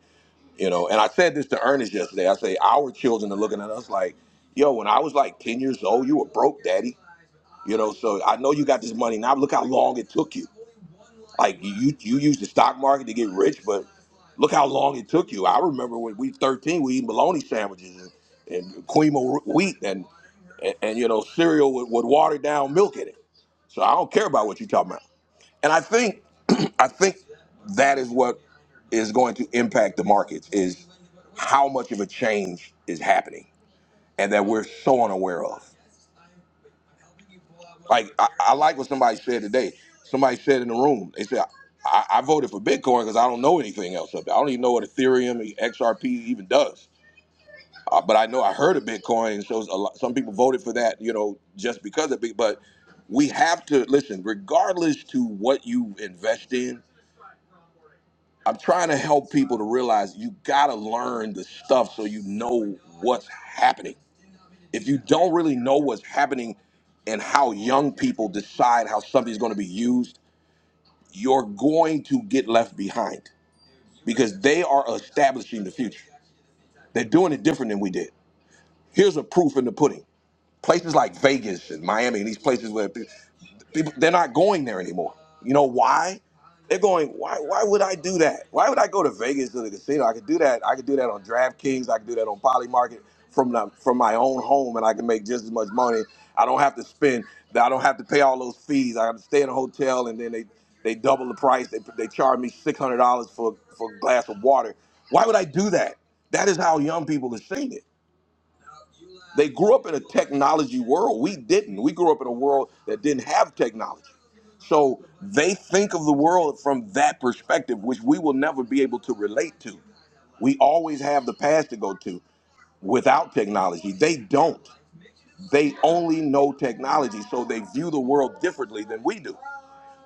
Speaker 1: You know, and I said this to Ernest yesterday. I say our children are looking at us like, yo, when I was like 10 years old, you were broke, daddy. You know, so I know you got this money. Now look how long it took you. Like you you used the stock market to get rich, but look how long it took you. I remember when we 13, we eat bologna sandwiches and, and quinoa wheat and, and and you know cereal with, with watered down milk in it. So I don't care about what you're talking about. And I think I think that is what is going to impact the markets is how much of a change is happening and that we're so unaware of. Like I, I like what somebody said today. Somebody said in the room, they said, I, I voted for Bitcoin because I don't know anything else up there. I don't even know what Ethereum XRP even does. Uh, but I know I heard of Bitcoin, and so a lot, some people voted for that, you know, just because of it. But we have to listen, regardless to what you invest in I'm trying to help people to realize you gotta learn the stuff so you know what's happening. If you don't really know what's happening and how young people decide how something's gonna be used, you're going to get left behind because they are establishing the future. They're doing it different than we did. Here's a proof in the pudding. Places like Vegas and Miami and these places where People, they're not going there anymore. You know why? They're going. Why? Why would I do that? Why would I go to Vegas to the casino? I could do that. I could do that on DraftKings. I could do that on Polymarket from the, from my own home, and I can make just as much money. I don't have to spend. I don't have to pay all those fees. I have to stay in a hotel, and then they they double the price. They they charge me six hundred dollars for for a glass of water. Why would I do that? That is how young people are seeing it. They grew up in a technology world. We didn't. We grew up in a world that didn't have technology. So they think of the world from that perspective, which we will never be able to relate to. We always have the past to go to without technology. They don't. They only know technology, so they view the world differently than we do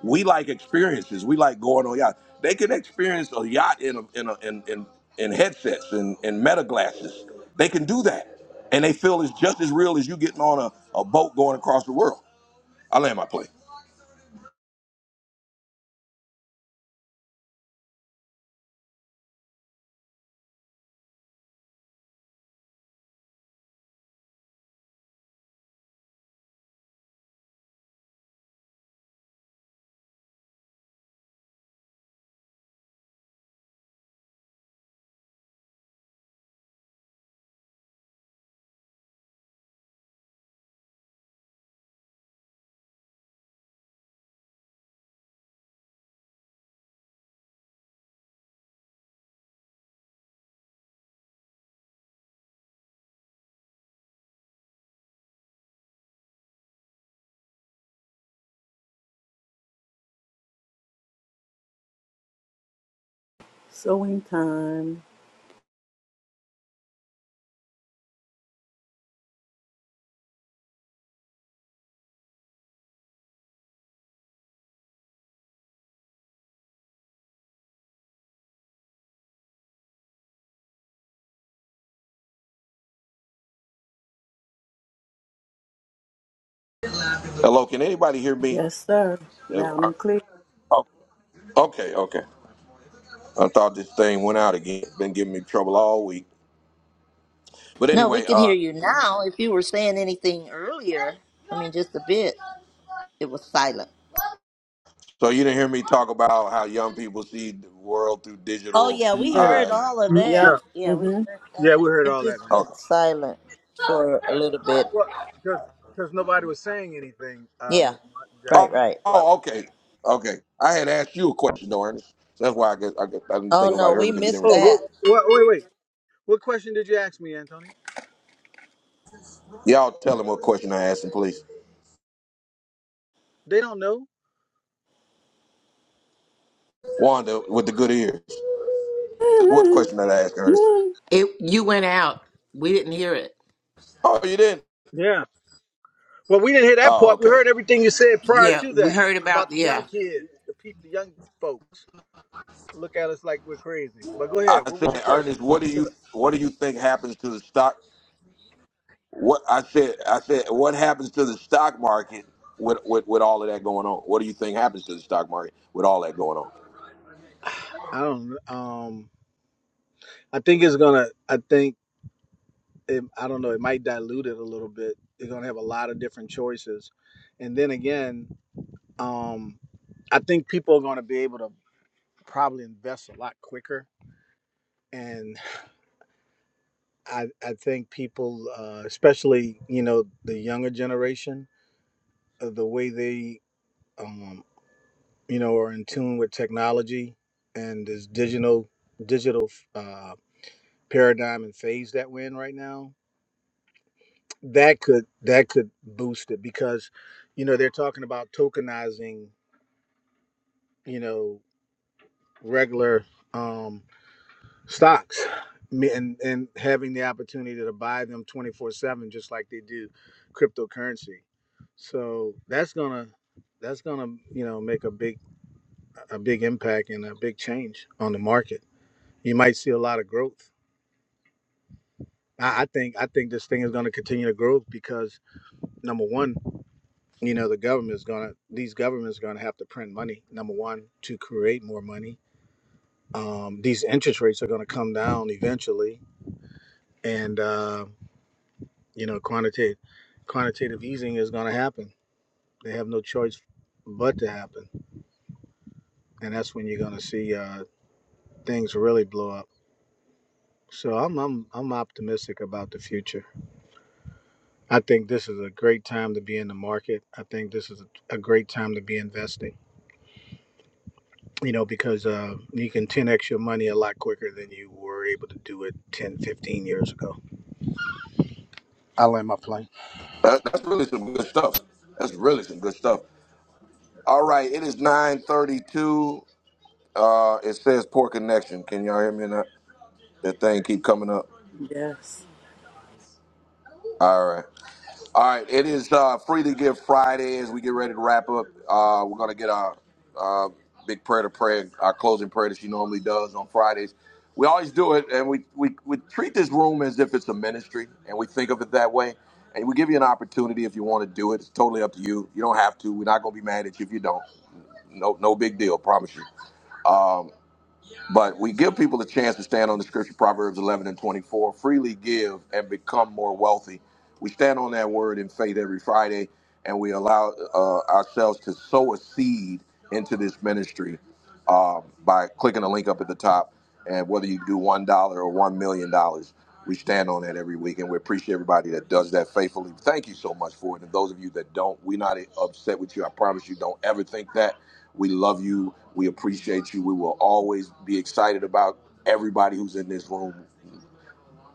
Speaker 1: we like experiences. We like going on yachts. They can experience a yacht in a, in, a, in in in headsets and and meta glasses. They can do that, and they feel it's just as real as you getting on a, a boat going across the world. I land my plane.
Speaker 2: Sewing time.
Speaker 1: Hello, can anybody hear me?
Speaker 2: Yes, sir.
Speaker 1: Uh,
Speaker 2: Loud
Speaker 1: I-
Speaker 2: and clear.
Speaker 1: oh, Okay, okay. I thought this thing went out again. Been giving me trouble all week. But
Speaker 5: No, we
Speaker 1: anyway,
Speaker 5: can
Speaker 1: uh,
Speaker 5: hear you now. If you were saying anything earlier, I mean, just a bit, it was silent.
Speaker 1: so you didn't hear me talk about how young people see the world through
Speaker 5: Oh,
Speaker 1: digital
Speaker 5: yeah, we
Speaker 2: Sir.
Speaker 5: heard
Speaker 1: eyes.
Speaker 5: all of
Speaker 10: Mm, Yeah,
Speaker 5: that.
Speaker 2: Yep.
Speaker 5: Yeah, we
Speaker 2: Mm-hmm.
Speaker 5: heard that.
Speaker 10: yeah, we heard
Speaker 5: It
Speaker 10: all that,
Speaker 5: just
Speaker 10: man.
Speaker 1: Okay.
Speaker 5: went silent for a little bit.
Speaker 10: Well, because because nobody was saying anything, uh,
Speaker 5: Yeah,
Speaker 10: Miss
Speaker 1: Oh,
Speaker 5: right,
Speaker 10: Jacqueline.
Speaker 5: right.
Speaker 10: That's why I
Speaker 1: oh,
Speaker 10: wanted. To...
Speaker 1: okay, okay. I had asked you a question though, Ernest. So that's why I guess I, guess I didn't
Speaker 5: Oh,
Speaker 1: think
Speaker 10: Well,
Speaker 5: no,
Speaker 1: nobody heard
Speaker 5: we
Speaker 1: me because you didn't
Speaker 5: missed
Speaker 10: Oh,
Speaker 1: respond.
Speaker 5: that.
Speaker 10: well, well, wait, wait. What question did you ask me, Antonio?
Speaker 1: Y'all tell him what question I asked him, please.
Speaker 10: They don't know.
Speaker 1: Wanda with the good ears. What question did I ask Ernest?
Speaker 4: It you went out. We didn't hear it.
Speaker 1: Oh, you didn't.
Speaker 10: Yeah. Well, we didn't hear that
Speaker 1: Oh,
Speaker 10: part. We
Speaker 1: okay.
Speaker 10: heard everything you said prior
Speaker 4: Yeah,
Speaker 10: to
Speaker 4: we
Speaker 10: that
Speaker 4: heard about
Speaker 10: about the young
Speaker 4: yeah.
Speaker 10: kids, the people, the young folks. Look at us like we're crazy. But go
Speaker 1: I
Speaker 10: ahead. What was your
Speaker 1: said, Ernest,
Speaker 10: question?
Speaker 1: what do you what do you think happens to the stock? What I said, I said, what happens to the stock market with with, with all of that going on? What do you think happens to the stock market with all that going on?
Speaker 10: I don't. Um, I think it's gonna. I think it, I don't know. It might dilute it a little bit. They're gonna have a lot of different choices, and then again. Um, I think people are going to be able to probably invest a lot quicker. And I, I think people, uh, especially, you know, the younger generation, uh, the way they, um, you know, are in tune with technology and this digital digital uh, paradigm and phase that we're in right now, that could that could boost it because, you know, they're talking about tokenizing, you know, regular um, stocks and and having the opportunity to buy them 24/7 just like they do cryptocurrency. So that's going to that's going to, you know, make a big a big impact and a big change on the market. You might see a lot of growth. I, I think I think this thing is going to continue to grow because number one, you know, the government is going to these governments are going to have to print money. Number one, to create more money. Um, these interest rates are going to come down eventually, and uh, You know, quantitative quantitative easing is going to happen. They have no choice but to happen, and that's when you're going to see uh, things really blow up. So I'm I'm I'm optimistic about the future. I think this is a great time to be in the market. I think this is a, a great time to be investing. You know, because uh, you can 10x your money a lot quicker than you were able to do it 10, 15 years ago. I land my plane.
Speaker 1: That, that's really some good stuff. That's really some good stuff. All right, it is 932. Uh it says poor connection. Can y'all hear me or not? That thing keep coming up.
Speaker 2: yes.
Speaker 1: All right. All right. It is uh free to give Friday as we get ready to wrap up. Uh we're gonna get our uh big prayer to pray, our closing prayer that she normally does on Fridays. We always do it and we, we we treat this room as if it's a ministry and we think of it that way. And we give you an opportunity if you want to do it. It's totally up to you. You don't have to. We're not gonna be mad at you if you don't. No no big deal, promise you. Um, But we give people a chance to stand on the scripture, Proverbs 11 and 24, freely give and become more wealthy. We stand on that word in faith every Friday, and we allow uh, ourselves to sow a seed into this ministry uh, by clicking the link up at the top. And whether you do $1 or $1 million, dollars, we stand on that every week. And we appreciate everybody that does that faithfully. Thank you so much for it. And those of you that don't, we're not upset with you. I promise you, don't ever think that. We love you. We appreciate you. We will always be excited about everybody who's in this room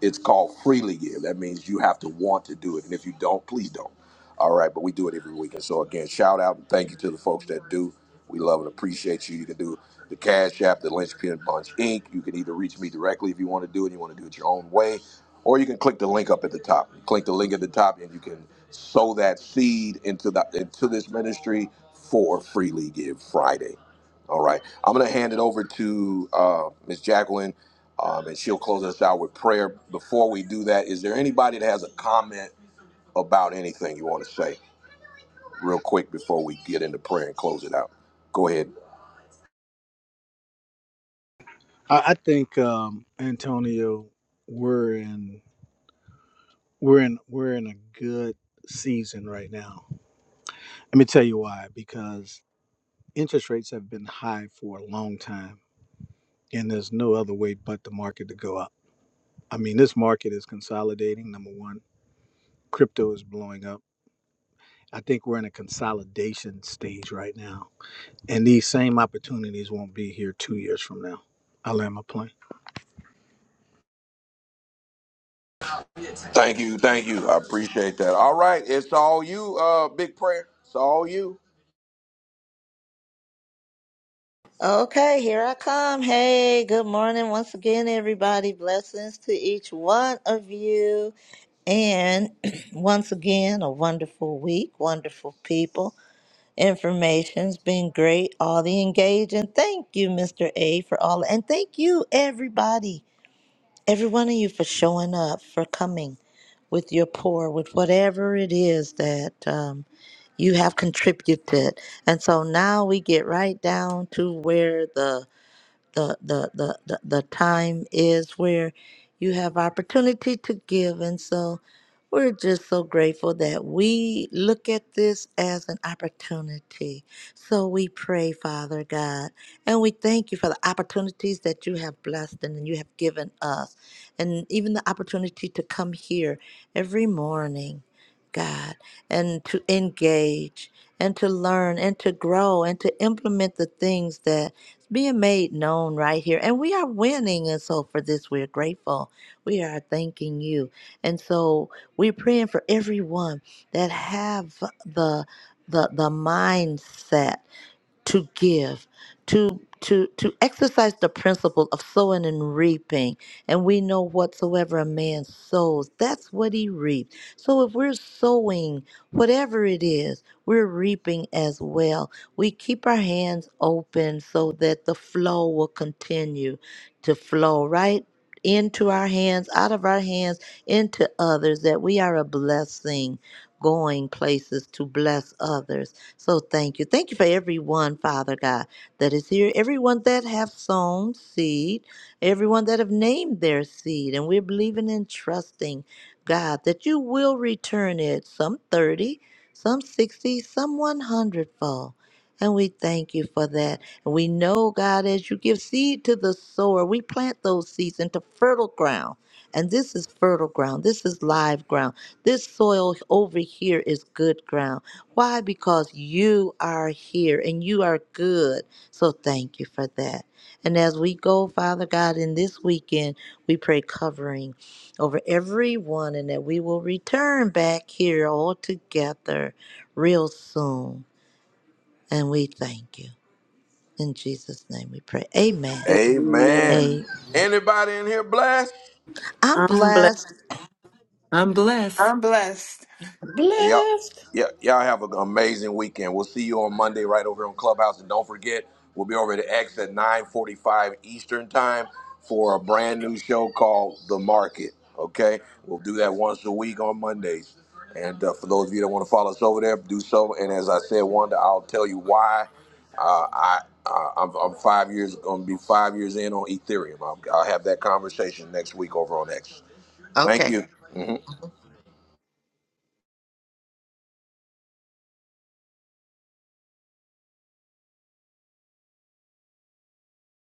Speaker 1: it's called freely give. That means you have to want to do it. And if you don't, please don't. All right, but we do it every week. And so again, shout out and thank you to the folks that do. We love and appreciate you. You can do the Cash App, the Linchpin Bunch Inc. You can either reach me directly if you want to do it, you want to do it your own way, or you can click the link up at the top. You Click the link at the top and you can sow that seed into the into this ministry for Freely Give Friday. All right. I'm going to hand it over to uh, Ms. Jacqueline, um, and she'll close us out with prayer. Before we do that, is there anybody that has a comment about anything you want to say, real quick, before we get into prayer and close it out? Go ahead.
Speaker 10: I, I think um, Antonio, we're in we're in we're in a good season right now. Let me tell you why. Because interest rates have been high for a long time, and there's no other way but the market to go up. I mean, this market is consolidating. Number one, crypto is blowing up. I think we're in a consolidation stage right now, and these same opportunities won't be here two years from now. I land my plane.
Speaker 1: Thank you. Thank you. I appreciate that. All right. It's all you, uh, Big Prayer. It's all you.
Speaker 5: Okay, here I come. Hey, good morning once again, everybody. Blessings to each one of you. And once again, a wonderful week, wonderful people. Information's been great. All the engage and thank you, Mr. A, for all and thank you, everybody, every one of you for showing up, for coming with your pour, with whatever it is that um, you have contributed. And so now we get right down to where the the the the the, the time is where you have opportunity to give and so we're just so grateful that we look at this as an opportunity. So we pray, Father God, and we thank you for the opportunities that you have blessed and you have given us, and even the opportunity to come here every morning, God, and to engage and to learn and to grow and to implement the things that being made known right here. And we are winning. And so for this, we're grateful. We are thanking you. And so we're praying for everyone that have the the the mindset to give to to to exercise the principle of sowing and reaping and we know whatsoever a man sows that's what he reaps so if we're sowing whatever it is we're reaping as well we keep our hands open so that the flow will continue to flow right into our hands out of our hands into others that we are a blessing going places to bless others so thank you. Thank you for everyone, Father God, that is here. Everyone that have sown seed, everyone that have named their seed. And we're believing and trusting, God, that you will return it, some 30, some 60, some 100 fold. And we thank you for that. And we know, God, as you give seed to the sower, we plant those seeds into fertile ground. And this is fertile ground. This is live ground. This soil over here is good ground why? Because you are here and you are good. So thank you for that. And as we go, Father God, in this weekend, we pray covering over everyone and that we will return back here all together real soon. And we thank you. In Jesus' name we pray. Amen.
Speaker 1: Amen.
Speaker 5: Amen.
Speaker 2: Amen.
Speaker 1: Anybody in here blessed?
Speaker 5: I'm
Speaker 2: I'm blessed.
Speaker 5: blessed.
Speaker 13: I'm blessed.
Speaker 6: I'm blessed.
Speaker 1: Yep.
Speaker 4: Blessed.
Speaker 1: Yeah, y'all have an amazing weekend. We'll see you on Monday right over here on Clubhouse. And don't forget, we'll be over at X at 945 Eastern Time for a brand new show called The Market. Okay? We'll do that once a week on Mondays. And uh, for those of you that want to follow us over there, do so. And as I said, Wanda, I'll tell you why uh, I, uh, I'm, I'm five years, going to be five years in on Ethereum. I'll, I'll have that conversation next week over on X. Thank
Speaker 4: Okay.
Speaker 1: you.